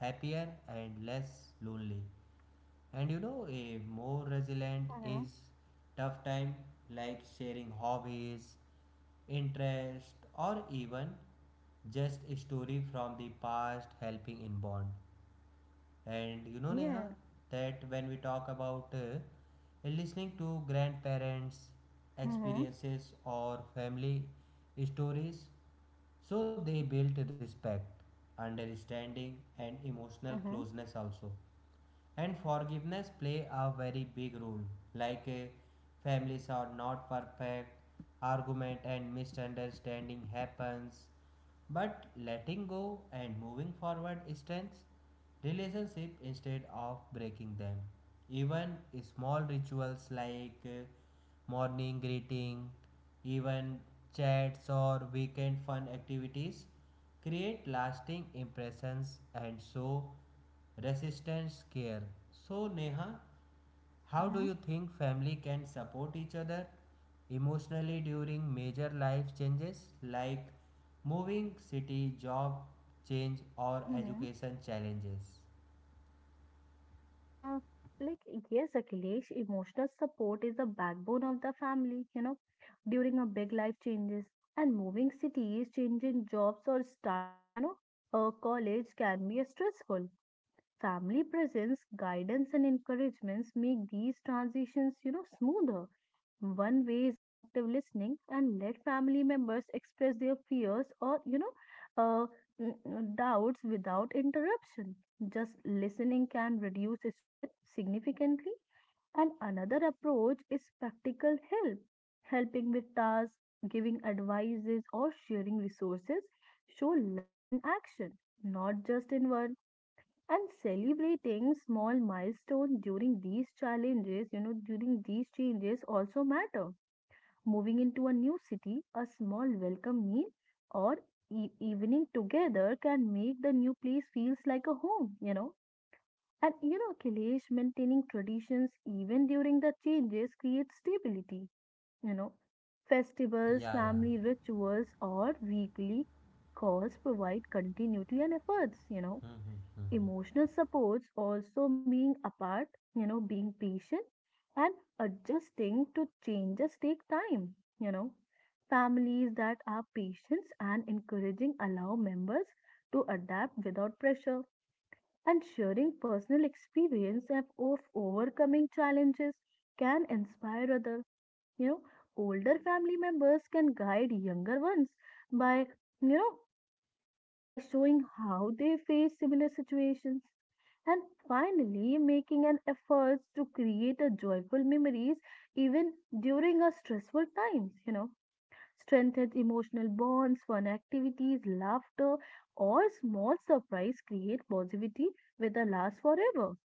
[SPEAKER 1] happier and less lonely. And you know a more resilient
[SPEAKER 2] mm-hmm.
[SPEAKER 1] is tough time, like sharing hobbies interest or even just a story from the past helping in bond. And you know, Neha,
[SPEAKER 2] Yeah.
[SPEAKER 1] that when we talk about uh, listening to grandparents'
[SPEAKER 2] Mm-hmm,
[SPEAKER 1] experiences or family stories, so they built respect, understanding, and emotional
[SPEAKER 2] mm-hmm,
[SPEAKER 1] closeness also. And forgiveness play a very big role. Like uh, families are not perfect. Argument and misunderstanding happens, but letting go and moving forward strengthens relationship instead of breaking them. Even small rituals like uh, morning greeting, even chats or weekend fun activities create lasting impressions and show resistance care. So, Neha, how do
[SPEAKER 2] mm-hmm,
[SPEAKER 1] you think family can support each other emotionally during major life changes like moving city, job change, or
[SPEAKER 2] mm-hmm.
[SPEAKER 1] education challenges?
[SPEAKER 2] Uh, like yes, Akhilesh, emotional support is the backbone of the family. You know, during a big life changes, and moving cities, changing jobs or starting, you know, a college can be a stressful. Family presence, guidance, and encouragements make these transitions, you know, smoother. One way is active listening and let family members express their fears or, you know, uh, n- n- doubts without interruption. Just listening can reduce stress significantly. And another approach is practical help, helping with tasks, giving advices, or sharing resources. Show love in action, not just in word, and celebrating small milestones during these challenges, you know, during these changes also matter. Moving into a new city, a small welcome meal or e- evening together can make the new place feels like a home, you know. And you know Kailash, maintaining traditions even during the changes creates stability, you know, festivals,
[SPEAKER 1] Yeah, yeah.
[SPEAKER 2] family rituals, or weekly calls provide continuity and efforts, you know.
[SPEAKER 1] Hmm, hmm, hmm, hmm.
[SPEAKER 2] Emotional supports also being apart, you know, being patient and adjusting to changes take time, you know. Families that are patient and encouraging allow members to adapt without pressure, and sharing personal experience of, of overcoming challenges can inspire other, you know, older family members can guide younger ones by, you know, by showing how they face similar situations. And finally, making an effort to create a joyful memories even during a stressful times, you know, strengthens emotional bonds. Fun activities, laughter, or small surprise create positivity with a last forever.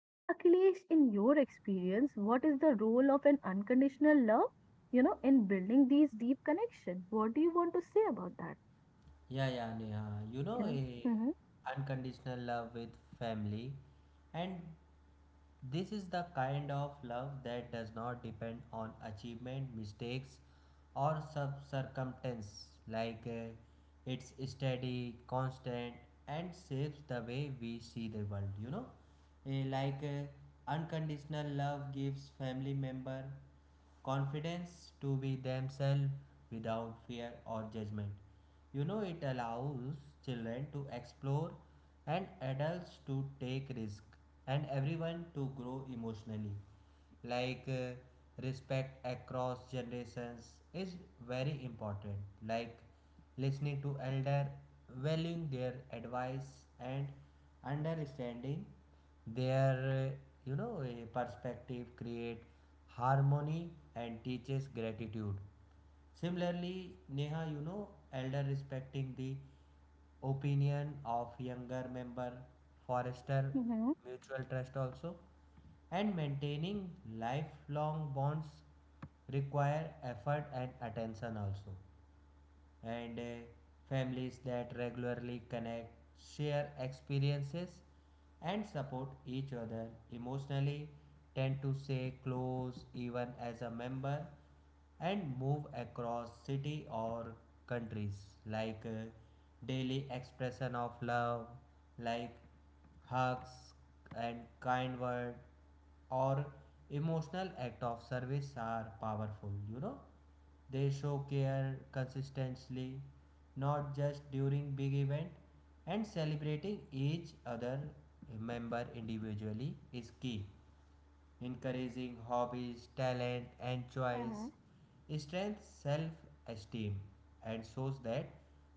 [SPEAKER 2] And Akhilesh, in your experience, what is the role of an unconditional love, you know, in building these deep connections? What do you want to say about that?
[SPEAKER 1] Yeah, yeah, Neha. You
[SPEAKER 2] You
[SPEAKER 1] know,
[SPEAKER 2] know.
[SPEAKER 1] a
[SPEAKER 2] Mm-hmm,
[SPEAKER 1] unconditional love with family and this is the kind of love that does not depend on achievement, mistakes, or sub- circumstance. Like uh, it's steady, constant, and shapes the way we see the world. You know, Eh, like uh, unconditional love gives family member confidence to be themselves without fear or judgment. You know, it allows children to explore and adults to take risk and everyone to grow emotionally. Like uh, respect across generations is very important. Like listening to elder, valuing their advice and understanding their uh, you know uh, perspective create harmony and teaches gratitude. Similarly, Neha, you know, elder respecting the opinion of younger member, forester
[SPEAKER 2] mm-hmm,
[SPEAKER 1] mutual trust also, and maintaining lifelong bonds require effort and attention also. And uh, families that regularly connect, share experiences, and support each other emotionally tend to stay close even as a member and move across city or countries. Like uh, daily expression of love like hugs and kind word or emotional act of service are powerful you know They show care consistently, not just during big event. And celebrating each other member individually is key, encouraging hobbies, talent, and choice,
[SPEAKER 2] mm-hmm.
[SPEAKER 1] strengthens self esteem, and shows that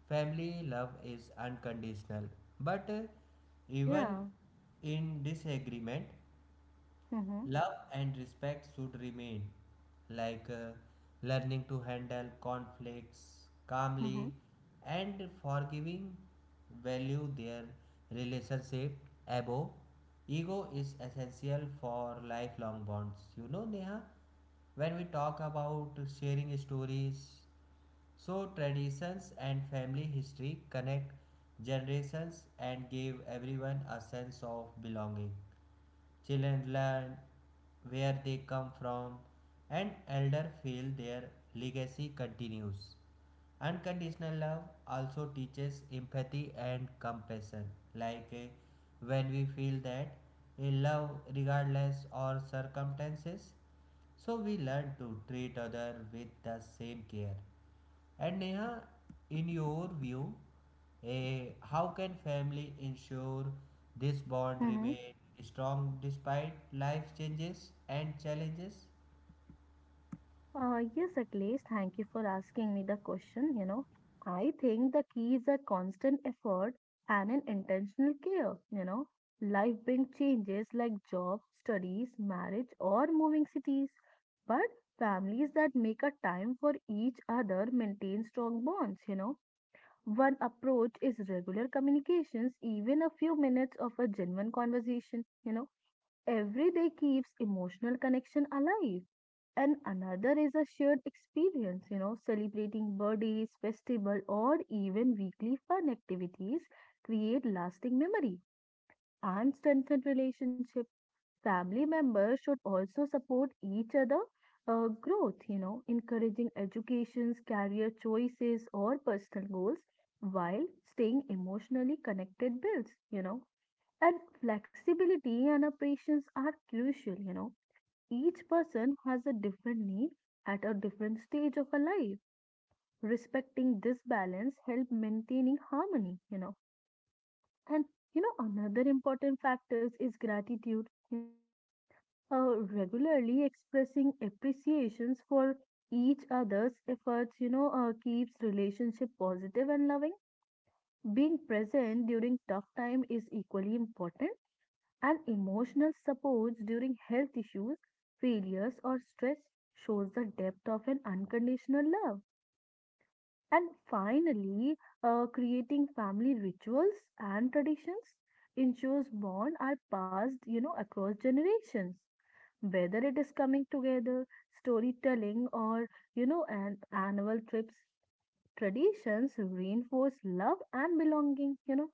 [SPEAKER 1] family love is unconditional. But uh, even
[SPEAKER 2] Yeah,
[SPEAKER 1] in disagreement,
[SPEAKER 2] mm-hmm,
[SPEAKER 1] love and respect should remain. Like uh, learning to handle conflicts
[SPEAKER 2] mm-hmm,
[SPEAKER 1] calmly and forgiving value their relationship above ego is essential for lifelong bonds you know neha When we talk about sharing stories, so traditions and family history connect generations and give everyone a sense of belonging. Children learn where they come from, and elders feel their legacy continues. Unconditional love also teaches empathy and compassion. Like eh, when we feel that a love regardless or circumstances, so we learn to treat other with the same care. And Neha, in your view, eh, how can family ensure this bond
[SPEAKER 2] mm-hmm.
[SPEAKER 1] remain strong despite life changes and challenges?
[SPEAKER 2] Uh, yes, Akhilesh, thank you for asking me the question. You know, I think the key is a constant effort and an intentional care. You know, life brings changes like job, studies, marriage, or moving cities. But families that make a time for each other maintain strong bonds. You know, one approach is regular communications, even a few minutes of a genuine conversation, you know, every day keeps emotional connection alive. And another is a shared experience, you know, celebrating birthdays, festival, or even weekly fun activities create lasting memory and strengthen relationship. Family members should also support each other uh, growth, you know, encouraging educations, career choices, or personal goals while staying emotionally connected builds, you know. And flexibility and a patience are crucial, you know. Each person has a different need at a different stage of a life. Respecting this balance help maintaining harmony, you know. And you know, another important factor is gratitude, you know. Uh, regularly expressing appreciations for each other's efforts, you know, uh, keeps relationship positive and loving. Being present during tough time is equally important, and emotional supports during health issues, failures, or stress shows the depth of an unconditional love. And finally, uh, creating family rituals and traditions ensures bond are passed, you know, across generations. Whether it is coming together, storytelling, or, you know, an annual trips, traditions reinforce love and belonging. You know,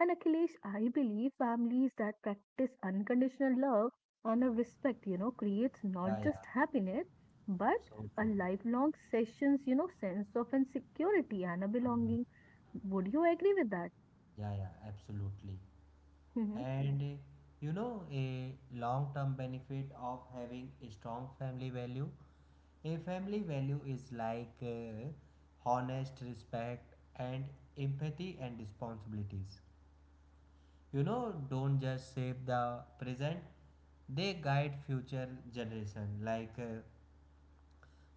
[SPEAKER 2] and Akhilesh, I believe families that practice unconditional love and a respect, you know, creates not
[SPEAKER 1] Yeah, yeah,
[SPEAKER 2] just happiness, but
[SPEAKER 1] so
[SPEAKER 2] a
[SPEAKER 1] true.
[SPEAKER 2] lifelong sessions, you know, sense of insecurity and a
[SPEAKER 1] Mhm.
[SPEAKER 2] belonging. Would you agree with that?
[SPEAKER 1] Yeah, yeah, absolutely.
[SPEAKER 2] Mm-hmm.
[SPEAKER 1] And eh, you know, a long-term benefit of having a strong family value. A family value is like eh, honest respect and empathy and responsibilities. You know, don't just shape the present, they guide future generation. Like uh,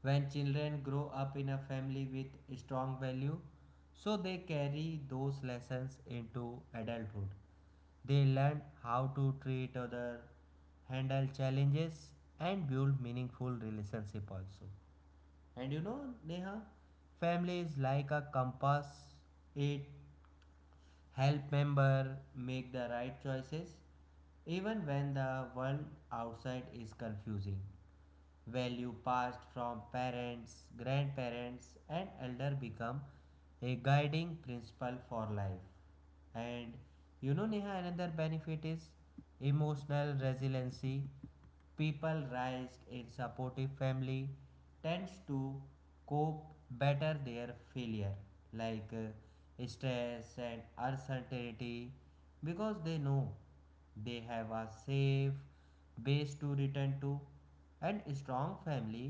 [SPEAKER 1] when children grow up in a family with strong value, so they carry those lessons into adulthood. They learn how to treat other, handle challenges, and build meaningful relationship also. And you know, Neha, family is like a compass. It help member make the right choices even when the world outside is confusing. Value passed from parents, grandparents, and elder become a guiding principle for life. And you know, Neha, another benefit is emotional resiliency. People raised in supportive family tends to cope better their failure, like uh, stress and uncertainty, because they know they have a safe base to return to. And strong family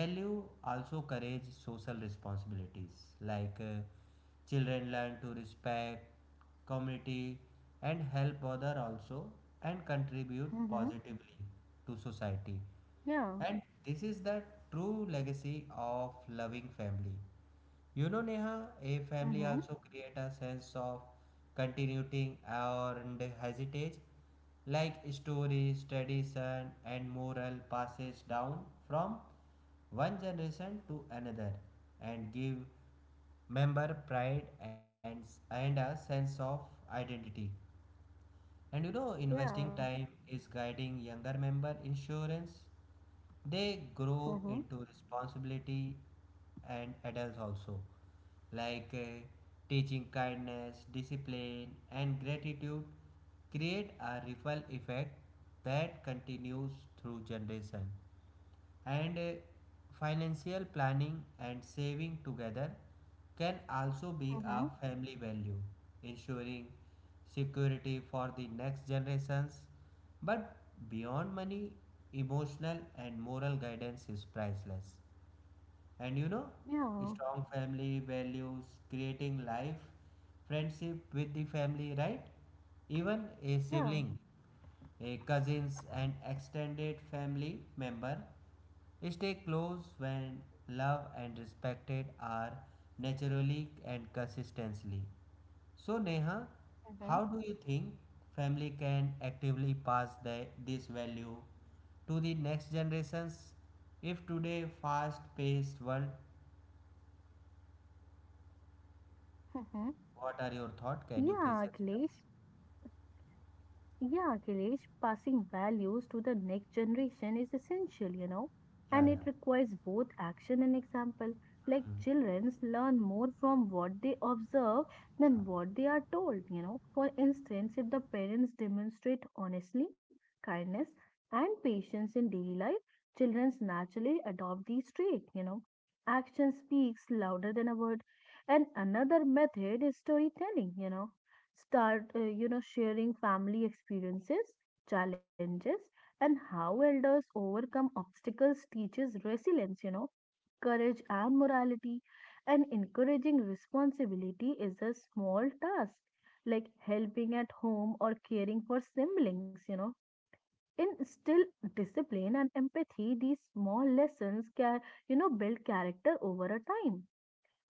[SPEAKER 1] value also courage social responsibilities. Like uh, children learn to respect community and help other also and contribute
[SPEAKER 2] Mm-hmm.
[SPEAKER 1] positively to society.
[SPEAKER 2] Yeah.
[SPEAKER 1] And this is the true legacy of loving family you know, Neha, a family
[SPEAKER 2] Mm-hmm.
[SPEAKER 1] also create a sense of continuity and heritage, like stories, tradition, and moral passes down from one generation to another, and give member pride and and a sense of identity. And you know, investing
[SPEAKER 2] Yeah.
[SPEAKER 1] time is guiding younger member insurance. They grow
[SPEAKER 2] Mm-hmm.
[SPEAKER 1] into responsibility and adults also, like uh, teaching kindness, discipline, and gratitude create a ripple effect that continues through generation. And uh, financial planning and saving together can also be a
[SPEAKER 2] Mm-hmm.
[SPEAKER 1] family value, ensuring security for the next generations. But beyond money, emotional and moral guidance is priceless. and you know,
[SPEAKER 2] Yeah.
[SPEAKER 1] strong family values, creating life, friendship with the family, right? Even a
[SPEAKER 2] Yeah.
[SPEAKER 1] sibling, a cousins and extended family member stay close when love and respected are naturally and consistently. So Neha, how
[SPEAKER 2] Mm-hmm.
[SPEAKER 1] do you think family can actively pass the, this value to the next generations if today fast paced world?
[SPEAKER 2] Mm-hmm.
[SPEAKER 1] What are your thoughts? Can you please
[SPEAKER 2] Yeah,
[SPEAKER 1] express?
[SPEAKER 2] Akhilesh. Yeah, Akhilesh, passing values to the next generation is essential, you know,
[SPEAKER 1] Yeah,
[SPEAKER 2] and
[SPEAKER 1] yeah,
[SPEAKER 2] it requires both action and example. Like children learn more from what they observe than what they are told, you know. For instance, if the parents demonstrate honesty, kindness, and patience in daily life, children naturally adopt these traits, you know. Action speaks louder than a word. And another method is storytelling, you know. Start, uh, you know, sharing family experiences, challenges, and how elders overcome obstacles teaches resilience, you know, courage and morality. And encouraging responsibility is a small task, like helping at home or caring for siblings, you know. Instill discipline and empathy, these small lessons can, you know, build character over a time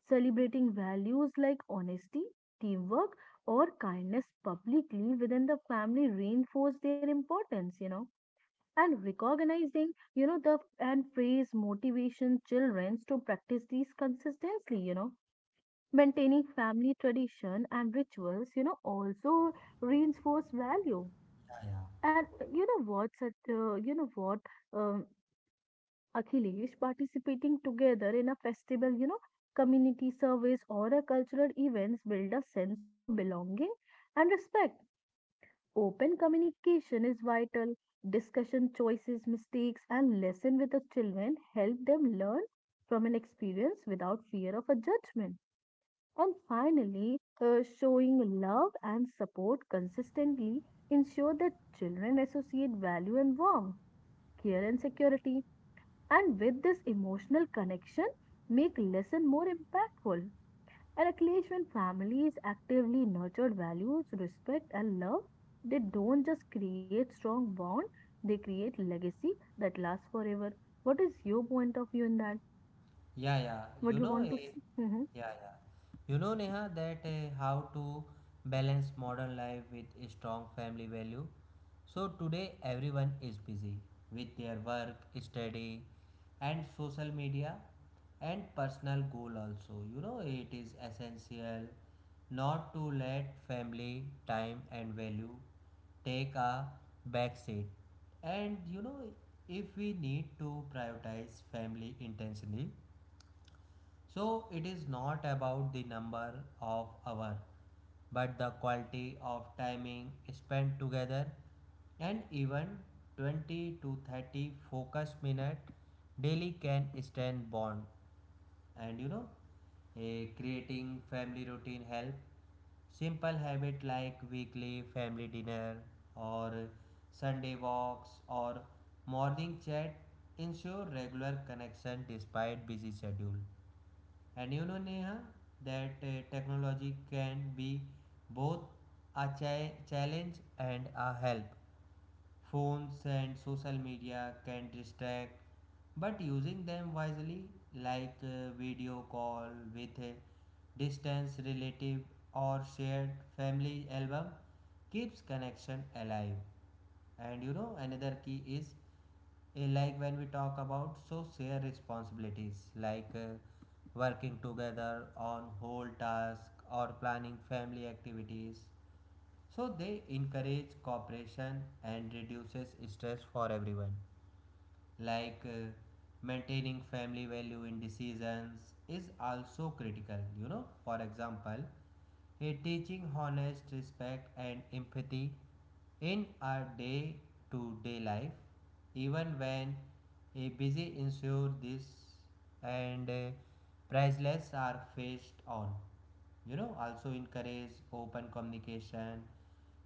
[SPEAKER 2] celebrating values like honesty, teamwork, or kindness publicly within the family reinforce their importance, you know, and recognizing, you know, the and praise motivation children to practice these consistently, you know. Maintaining family tradition and rituals, you know, also reinforce value.
[SPEAKER 1] yeah, yeah.
[SPEAKER 2] And uh, you know what, such, uh, you know what, um, Akhilesh participating together in a festival, you know, community service or a cultural events build a sense of a belonging and respect. Open communication is vital. Discussion choices, mistakes, and lesson with the children help them learn from an experience without fear of a judgment. And finally, uh, showing love and support consistently ensure that children associate value and warmth, care and security and with this emotional connection make lesson more impactful and at least when families actively nurture values respect and love, they don't just create strong bond, they create legacy that lasts forever. What is your point of view in that?
[SPEAKER 1] Yeah, yeah. You
[SPEAKER 2] What do you
[SPEAKER 1] know,
[SPEAKER 2] want to
[SPEAKER 1] eh,
[SPEAKER 2] s Mhm,
[SPEAKER 1] yeah, yeah. You know, Neha, that eh, how to balance modern life with a strong family value. So today, everyone is busy with their work, study, and social media, and personal goal also. You know, it is essential not to let family time and value take a back seat. And you know, if we need to prioritize family intentionally, so it is not about the number of hours, but the quality of timing spent together, and even twenty to thirty focus minute daily can stand bond. And you know a creating family routine help simple habit like weekly family dinner or Sunday walks or morning chat ensure regular connection despite busy schedule. And you know, Neha, that uh, technology can be both a chi- challenge and a help. Phones and social media can distract, but using them wisely, like uh, video call with a distance relative or shared family album, keeps connection alive. And you know, another key is, Eh, like when we talk about, so share responsibilities like uh, working together on whole task or planning family activities, so they encourage cooperation and reduces stress for everyone. Like uh, maintaining family value in decisions is also critical you know For example, a teaching honest respect and empathy in our day to day life, even when a busy ensure this. And uh, priceless are faced on. You know, also encourage open communication,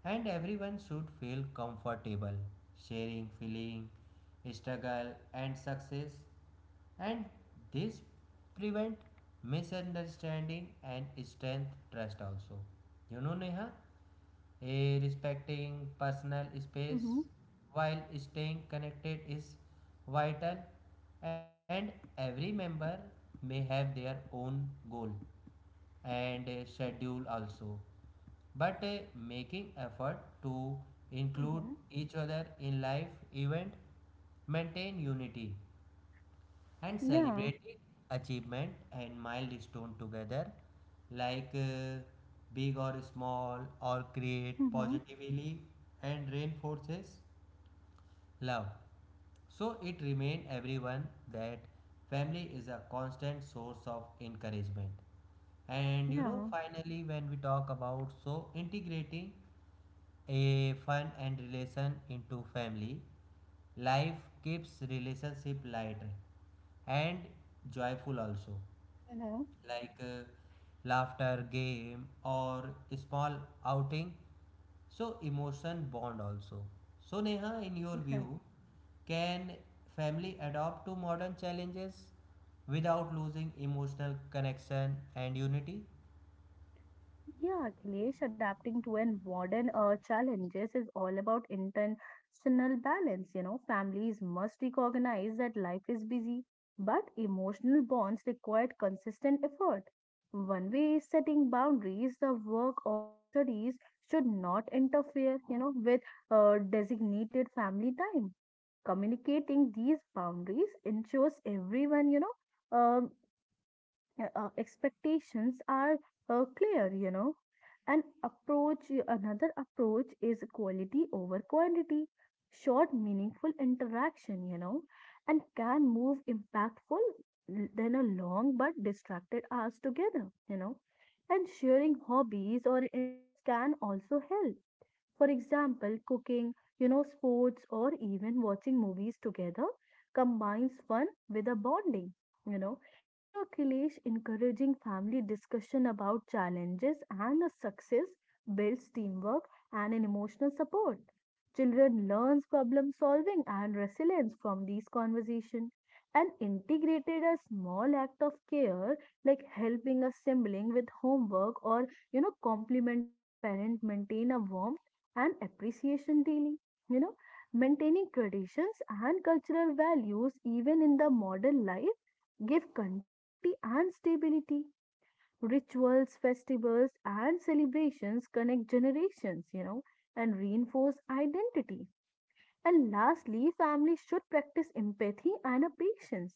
[SPEAKER 1] and everyone should feel comfortable sharing feeling, struggle and success, and this prevent misunderstanding and strength trust also, you know, Neha. Eh, respecting personal space
[SPEAKER 2] Mm-hmm.
[SPEAKER 1] while staying connected is vital, and every member may have their own goal and eh, schedule also, but eh, making effort to include
[SPEAKER 2] Mm-hmm.
[SPEAKER 1] each other in life event maintain unity, and
[SPEAKER 2] Yeah.
[SPEAKER 1] celebrating achievement and milestone together, like uh, big or small or create
[SPEAKER 2] Mm-hmm.
[SPEAKER 1] positively and reinforces love, so it remain everyone that family is a constant source of encouragement. And you know,
[SPEAKER 2] Yeah.
[SPEAKER 1] finally, when we talk about so integrating a fun and relation into family. Life keeps relationship light and joyful also,
[SPEAKER 2] Mm-hmm.
[SPEAKER 1] like uh, laughter, game, or small outing. So emotion bond also. So Neha, in your
[SPEAKER 2] Yeah.
[SPEAKER 1] view, can family adapt to modern challenges without losing emotional connection and unity?
[SPEAKER 2] Yeah, Akhilesh, adapting to and modern uh, challenges is all about intentional balance. You know, families must recognize that life is busy, but emotional bonds require consistent effort. One way is setting boundaries, the work or studies should not interfere, you know, with uh, designated family time. Communicating these boundaries ensures everyone, you know, um yeah, uh, expectations are uh, clear, you know. An approach, another approach is quality over quantity, short, meaningful interaction, you know, and can move impactful than a long but distracted hours together, you know. And sharing hobbies or interests can also help, for example, cooking, you know, sports, or even watching movies together combines fun with a bonding, you know. And you know, Kilesh, encouraging family discussion about challenges and the success builds teamwork and an emotional support. Children learns problem solving and resilience from these conversations. And integrated a small act of care, like helping a sibling with homework or, you know, complimenting a parent maintain a warm and appreciation daily. You know, maintaining traditions and cultural values even in the modern life give continuity and stability. Rituals, festivals, and celebrations connect generations, you know, and reinforce identity. And lastly, families should practice empathy and a patience.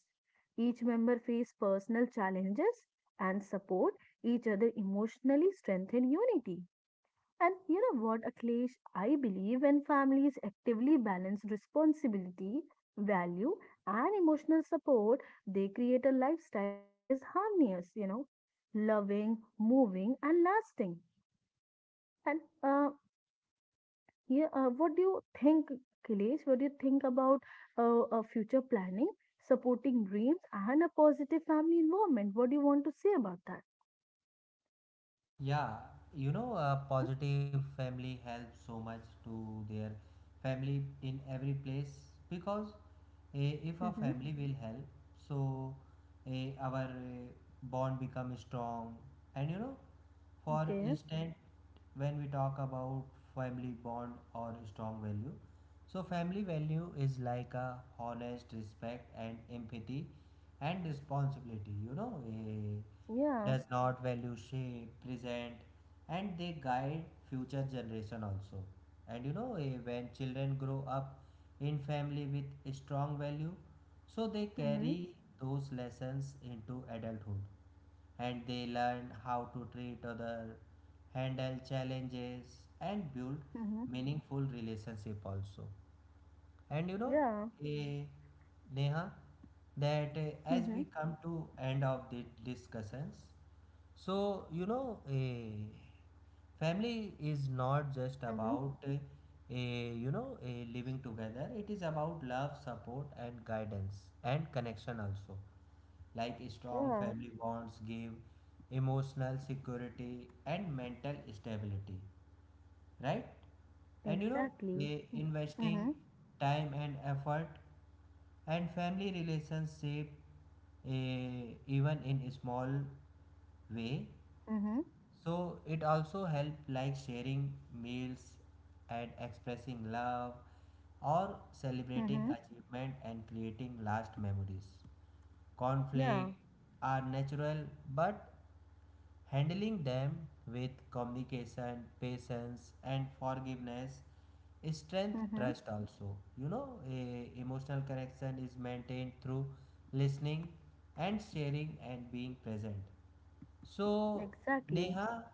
[SPEAKER 2] Each member face personal challenges and support each other emotionally strengthen unity. And you know what, Akhilesh? I believe when families actively balance responsibility, value, and emotional support, they create a lifestyle that is harmonious, you know, loving, moving, and lasting. And uh, yeah, uh, what do you think, Akhilesh? What do you think about uh, uh, future planning, supporting dreams, and a positive family environment? What do you want to say about that?
[SPEAKER 1] Yeah, you know, a
[SPEAKER 2] Mm-hmm.
[SPEAKER 1] positive family helps so much to their family in every place, because eh, if a
[SPEAKER 2] Mm-hmm.
[SPEAKER 1] family will help, so eh, our eh, bond become strong. And you know, for
[SPEAKER 2] Okay.
[SPEAKER 1] instance, when we talk about family bond or strong value, so family value is like a honest respect and empathy and responsibility, you know. Eh,
[SPEAKER 2] Yeah.
[SPEAKER 1] does not value shape present, and they guide future generation also. And you know, eh, when children grow up in family with a strong value, so they
[SPEAKER 2] Mm-hmm.
[SPEAKER 1] carry those lessons into adulthood, and they learn how to treat other, handle challenges and build
[SPEAKER 2] Mm-hmm.
[SPEAKER 1] meaningful relationship also. And you know,
[SPEAKER 2] Yeah.
[SPEAKER 1] eh, Neha, that eh, as
[SPEAKER 2] Mm-hmm.
[SPEAKER 1] we come to end of the discussions, so you know, eh, family is not
[SPEAKER 2] Mm-hmm.
[SPEAKER 1] just about eh, eh, you know eh, living together. It is about love, support, and guidance and connection also, like strong
[SPEAKER 2] Yeah,
[SPEAKER 1] family bonds give emotional security and mental stability, right? And you know,
[SPEAKER 2] exactly.
[SPEAKER 1] i- investing
[SPEAKER 2] Mm-hmm.
[SPEAKER 1] time and effort and family relationship, eh, even in small way,
[SPEAKER 2] Mm-hmm.
[SPEAKER 1] so it also help, like sharing meals and expressing love or
[SPEAKER 2] Mm-hmm.
[SPEAKER 1] celebrating achievement and creating last memories.
[SPEAKER 2] Yeah.
[SPEAKER 1] Conflict are natural, but handling them with communication, patience and forgiveness strength
[SPEAKER 2] Mm-hmm.
[SPEAKER 1] trust also. You know, a emotional connection is maintained through listening and sharing and being present. So,
[SPEAKER 2] Exactly.
[SPEAKER 1] Neha,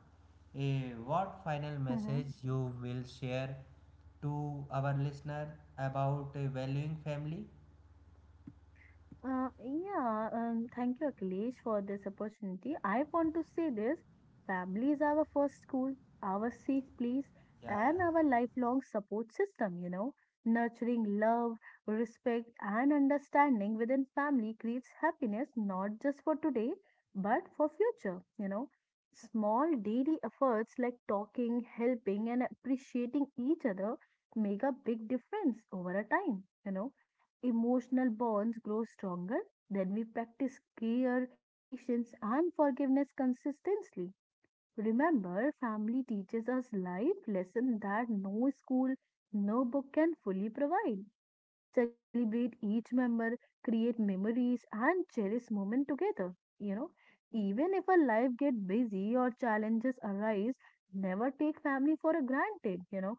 [SPEAKER 1] eh, what final
[SPEAKER 2] Mm-hmm.
[SPEAKER 1] message you will share to our listener about eh, valuing family?
[SPEAKER 2] Uh, yeah, um, Thank you, Akhilesh, for this opportunity. I want to say this: family is our first school, our safe place,
[SPEAKER 1] Yeah, yeah.
[SPEAKER 2] and our lifelong support system. You know, nurturing love, respect, and understanding within family creates happiness not just for today but for future. You know, small daily efforts like talking, helping, and appreciating each other make a big difference over a time. You know, emotional bonds grow stronger when we practice care, patience, and forgiveness consistently. Remember, family teaches us life lessons that no school, no book can fully provide. Celebrate each member, create memories, and cherish moment together. You know, even if our life get busy or challenges arise, never take family for a granted. You know,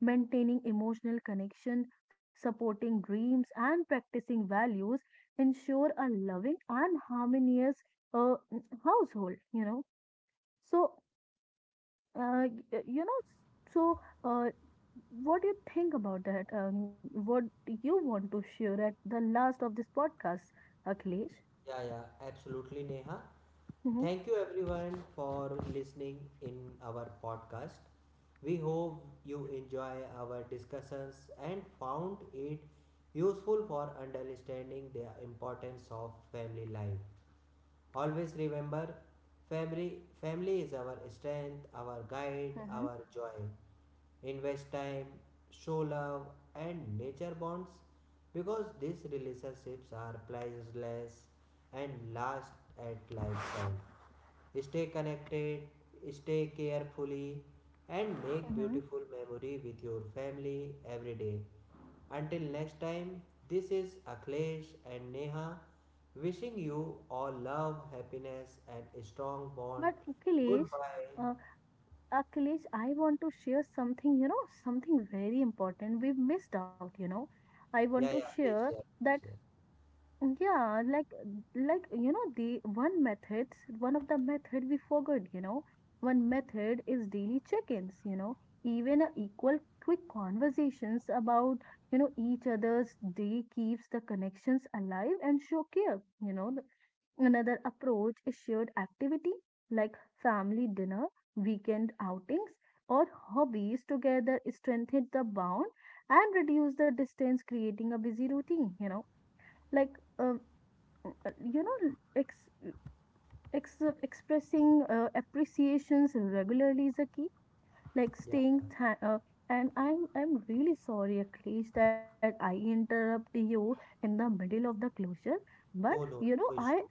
[SPEAKER 2] maintaining emotional connection, supporting dreams, and practicing values ensure a loving and harmonious, uh, household, you know. So, uh, y- you know, so uh, what do you think about that? Um, what do you want to share at the last of this podcast, Akhilesh?
[SPEAKER 1] Yeah, yeah, absolutely, Neha.
[SPEAKER 2] Mm-hmm.
[SPEAKER 1] Thank you everyone for listening in our podcast. We hope you enjoy our discussions and found it useful for understanding the importance of family life. Always remember, family, family is our strength, our guide,
[SPEAKER 2] Mm-hmm.
[SPEAKER 1] our joy. Invest time, show love, and nature bonds, because these relationships are priceless and last at lifetime. Stay connected, stay carefully, and make
[SPEAKER 2] Mm-hmm.
[SPEAKER 1] beautiful memory with your family every day. Until next time, this is Akhilesh and Neha wishing you all love, happiness, and strong bond.
[SPEAKER 2] But Akhilesh,
[SPEAKER 1] Goodbye.
[SPEAKER 2] uh, Uh, Akhilesh, I want to share something, you know, something very important we've missed out, you know. I
[SPEAKER 1] Yeah,
[SPEAKER 2] want to
[SPEAKER 1] yeah, please
[SPEAKER 2] share
[SPEAKER 1] share.
[SPEAKER 2] that,
[SPEAKER 1] Share.
[SPEAKER 2] Yeah, like, like, you know, the one methods, one of the method we forgot, you know, one method is daily check-ins, you know, even a equal quick conversations about, you know, each other's day keeps the connections alive and show care, you know. Another approach is shared activity like family dinner, weekend outings, or hobbies together strengthen the bond and reduce the distance creating a busy routine, you know. Like uh, uh, you know, ex, ex, expressing uh, appreciations regularly is a key, like
[SPEAKER 1] Yeah,
[SPEAKER 2] staying th- uh, and i'm i'm really sorry, Akhilesh, that I interrupt you in the middle of the closure, but
[SPEAKER 1] no,
[SPEAKER 2] you
[SPEAKER 1] no,
[SPEAKER 2] know,
[SPEAKER 1] no
[SPEAKER 2] I
[SPEAKER 1] issue.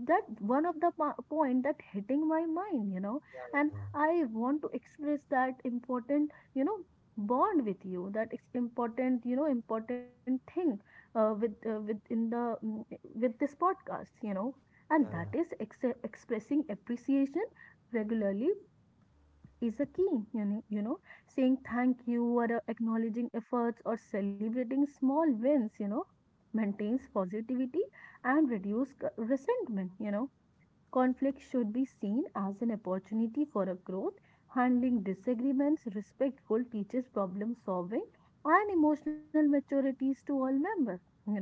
[SPEAKER 2] that one of the po- point that hitting my mind, you know,
[SPEAKER 1] Yeah,
[SPEAKER 2] and
[SPEAKER 1] yeah,
[SPEAKER 2] I want to express that important, you know, bond with you, that it's important, you know, important thing, uh, with uh, with in the mm, with this podcast, you know, and
[SPEAKER 1] yeah, yeah,
[SPEAKER 2] that
[SPEAKER 1] yeah,
[SPEAKER 2] is ex- expressing appreciation regularly is a key, you know, you know, saying thank you or uh, acknowledging efforts or celebrating small wins, you know, maintains positivity and reduce c- resentment, you know. Conflict should be seen as an opportunity for a growth. Handling disagreements respectful teaches problem solving and emotional maturities to all members, you know.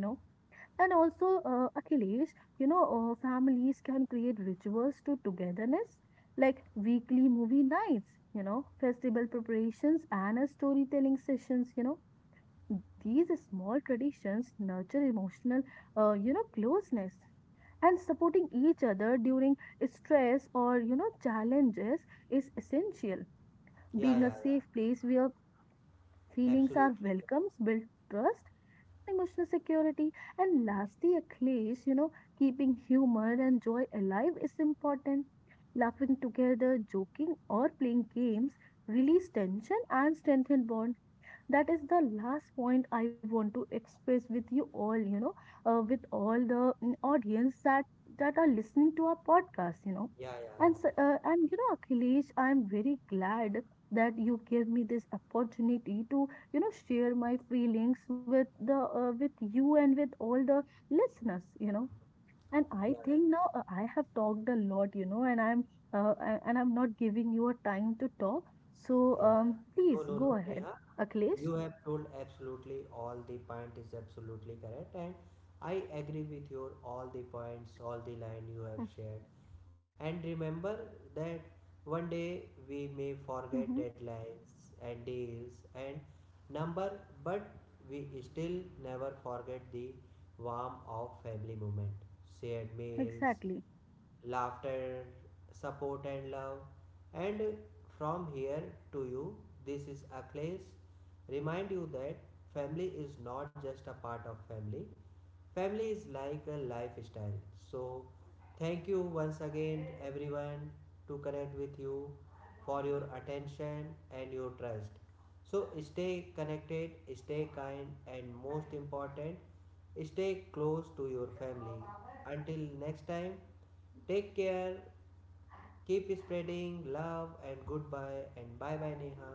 [SPEAKER 2] And also, uh, Achilles, you know, uh, families can create rituals to togetherness, like weekly movie nights, you know, festival preparations, and uh, storytelling sessions, you know. These small traditions nurture emotional, uh, you know, closeness. And supporting each other during stress or, you know, challenges is essential.
[SPEAKER 1] yeah,
[SPEAKER 2] Being a
[SPEAKER 1] yeah,
[SPEAKER 2] safe place where
[SPEAKER 1] yeah.
[SPEAKER 2] feelings
[SPEAKER 1] Absolutely
[SPEAKER 2] are
[SPEAKER 1] correct.
[SPEAKER 2] welcomes, build trust and emotional security. And lastly, at least, you know, keeping humor and joy alive is important. Laughing together, joking, or playing games release tension and strengthen bond. That is the last point I want to express with you all, you know, uh, with all the mm, audience that that are listening to our podcast, you know.
[SPEAKER 1] Yeah, yeah,
[SPEAKER 2] and
[SPEAKER 1] yeah,
[SPEAKER 2] so- uh, and you know, Akhilesh, I am very glad that you gave me this opportunity to, you know, share my feelings with the uh, with you and with all the listeners, you know. And I
[SPEAKER 1] yeah,
[SPEAKER 2] think
[SPEAKER 1] yeah,
[SPEAKER 2] now, uh, I have talked a lot, you know, and i'm uh, a- and i'm not giving you a time to talk, so
[SPEAKER 1] yeah. yeah.
[SPEAKER 2] um
[SPEAKER 1] No,
[SPEAKER 2] please
[SPEAKER 1] no,
[SPEAKER 2] go
[SPEAKER 1] no,
[SPEAKER 2] ahead,
[SPEAKER 1] Neha.
[SPEAKER 2] Akhilesh.
[SPEAKER 1] You have told absolutely all the point is absolutely correct, and I agree with your all the points, all the line you have shared. And remember that one day we may forget
[SPEAKER 2] Mm-hmm.
[SPEAKER 1] deadlines and days and number, but we still never forget the warmth of family moment, shared meals,
[SPEAKER 2] Exactly.
[SPEAKER 1] laughter, support, and love. And from here to you, this is Akhilesh. Remind you that family is not just a part of family, family is like a lifestyle. So, thank you once again, everyone, to connect with you for your attention and your trust. So, stay connected, stay kind, and most important, stay close to your family. Until next time, take care, keep spreading love, and goodbye, and bye bye, Neha.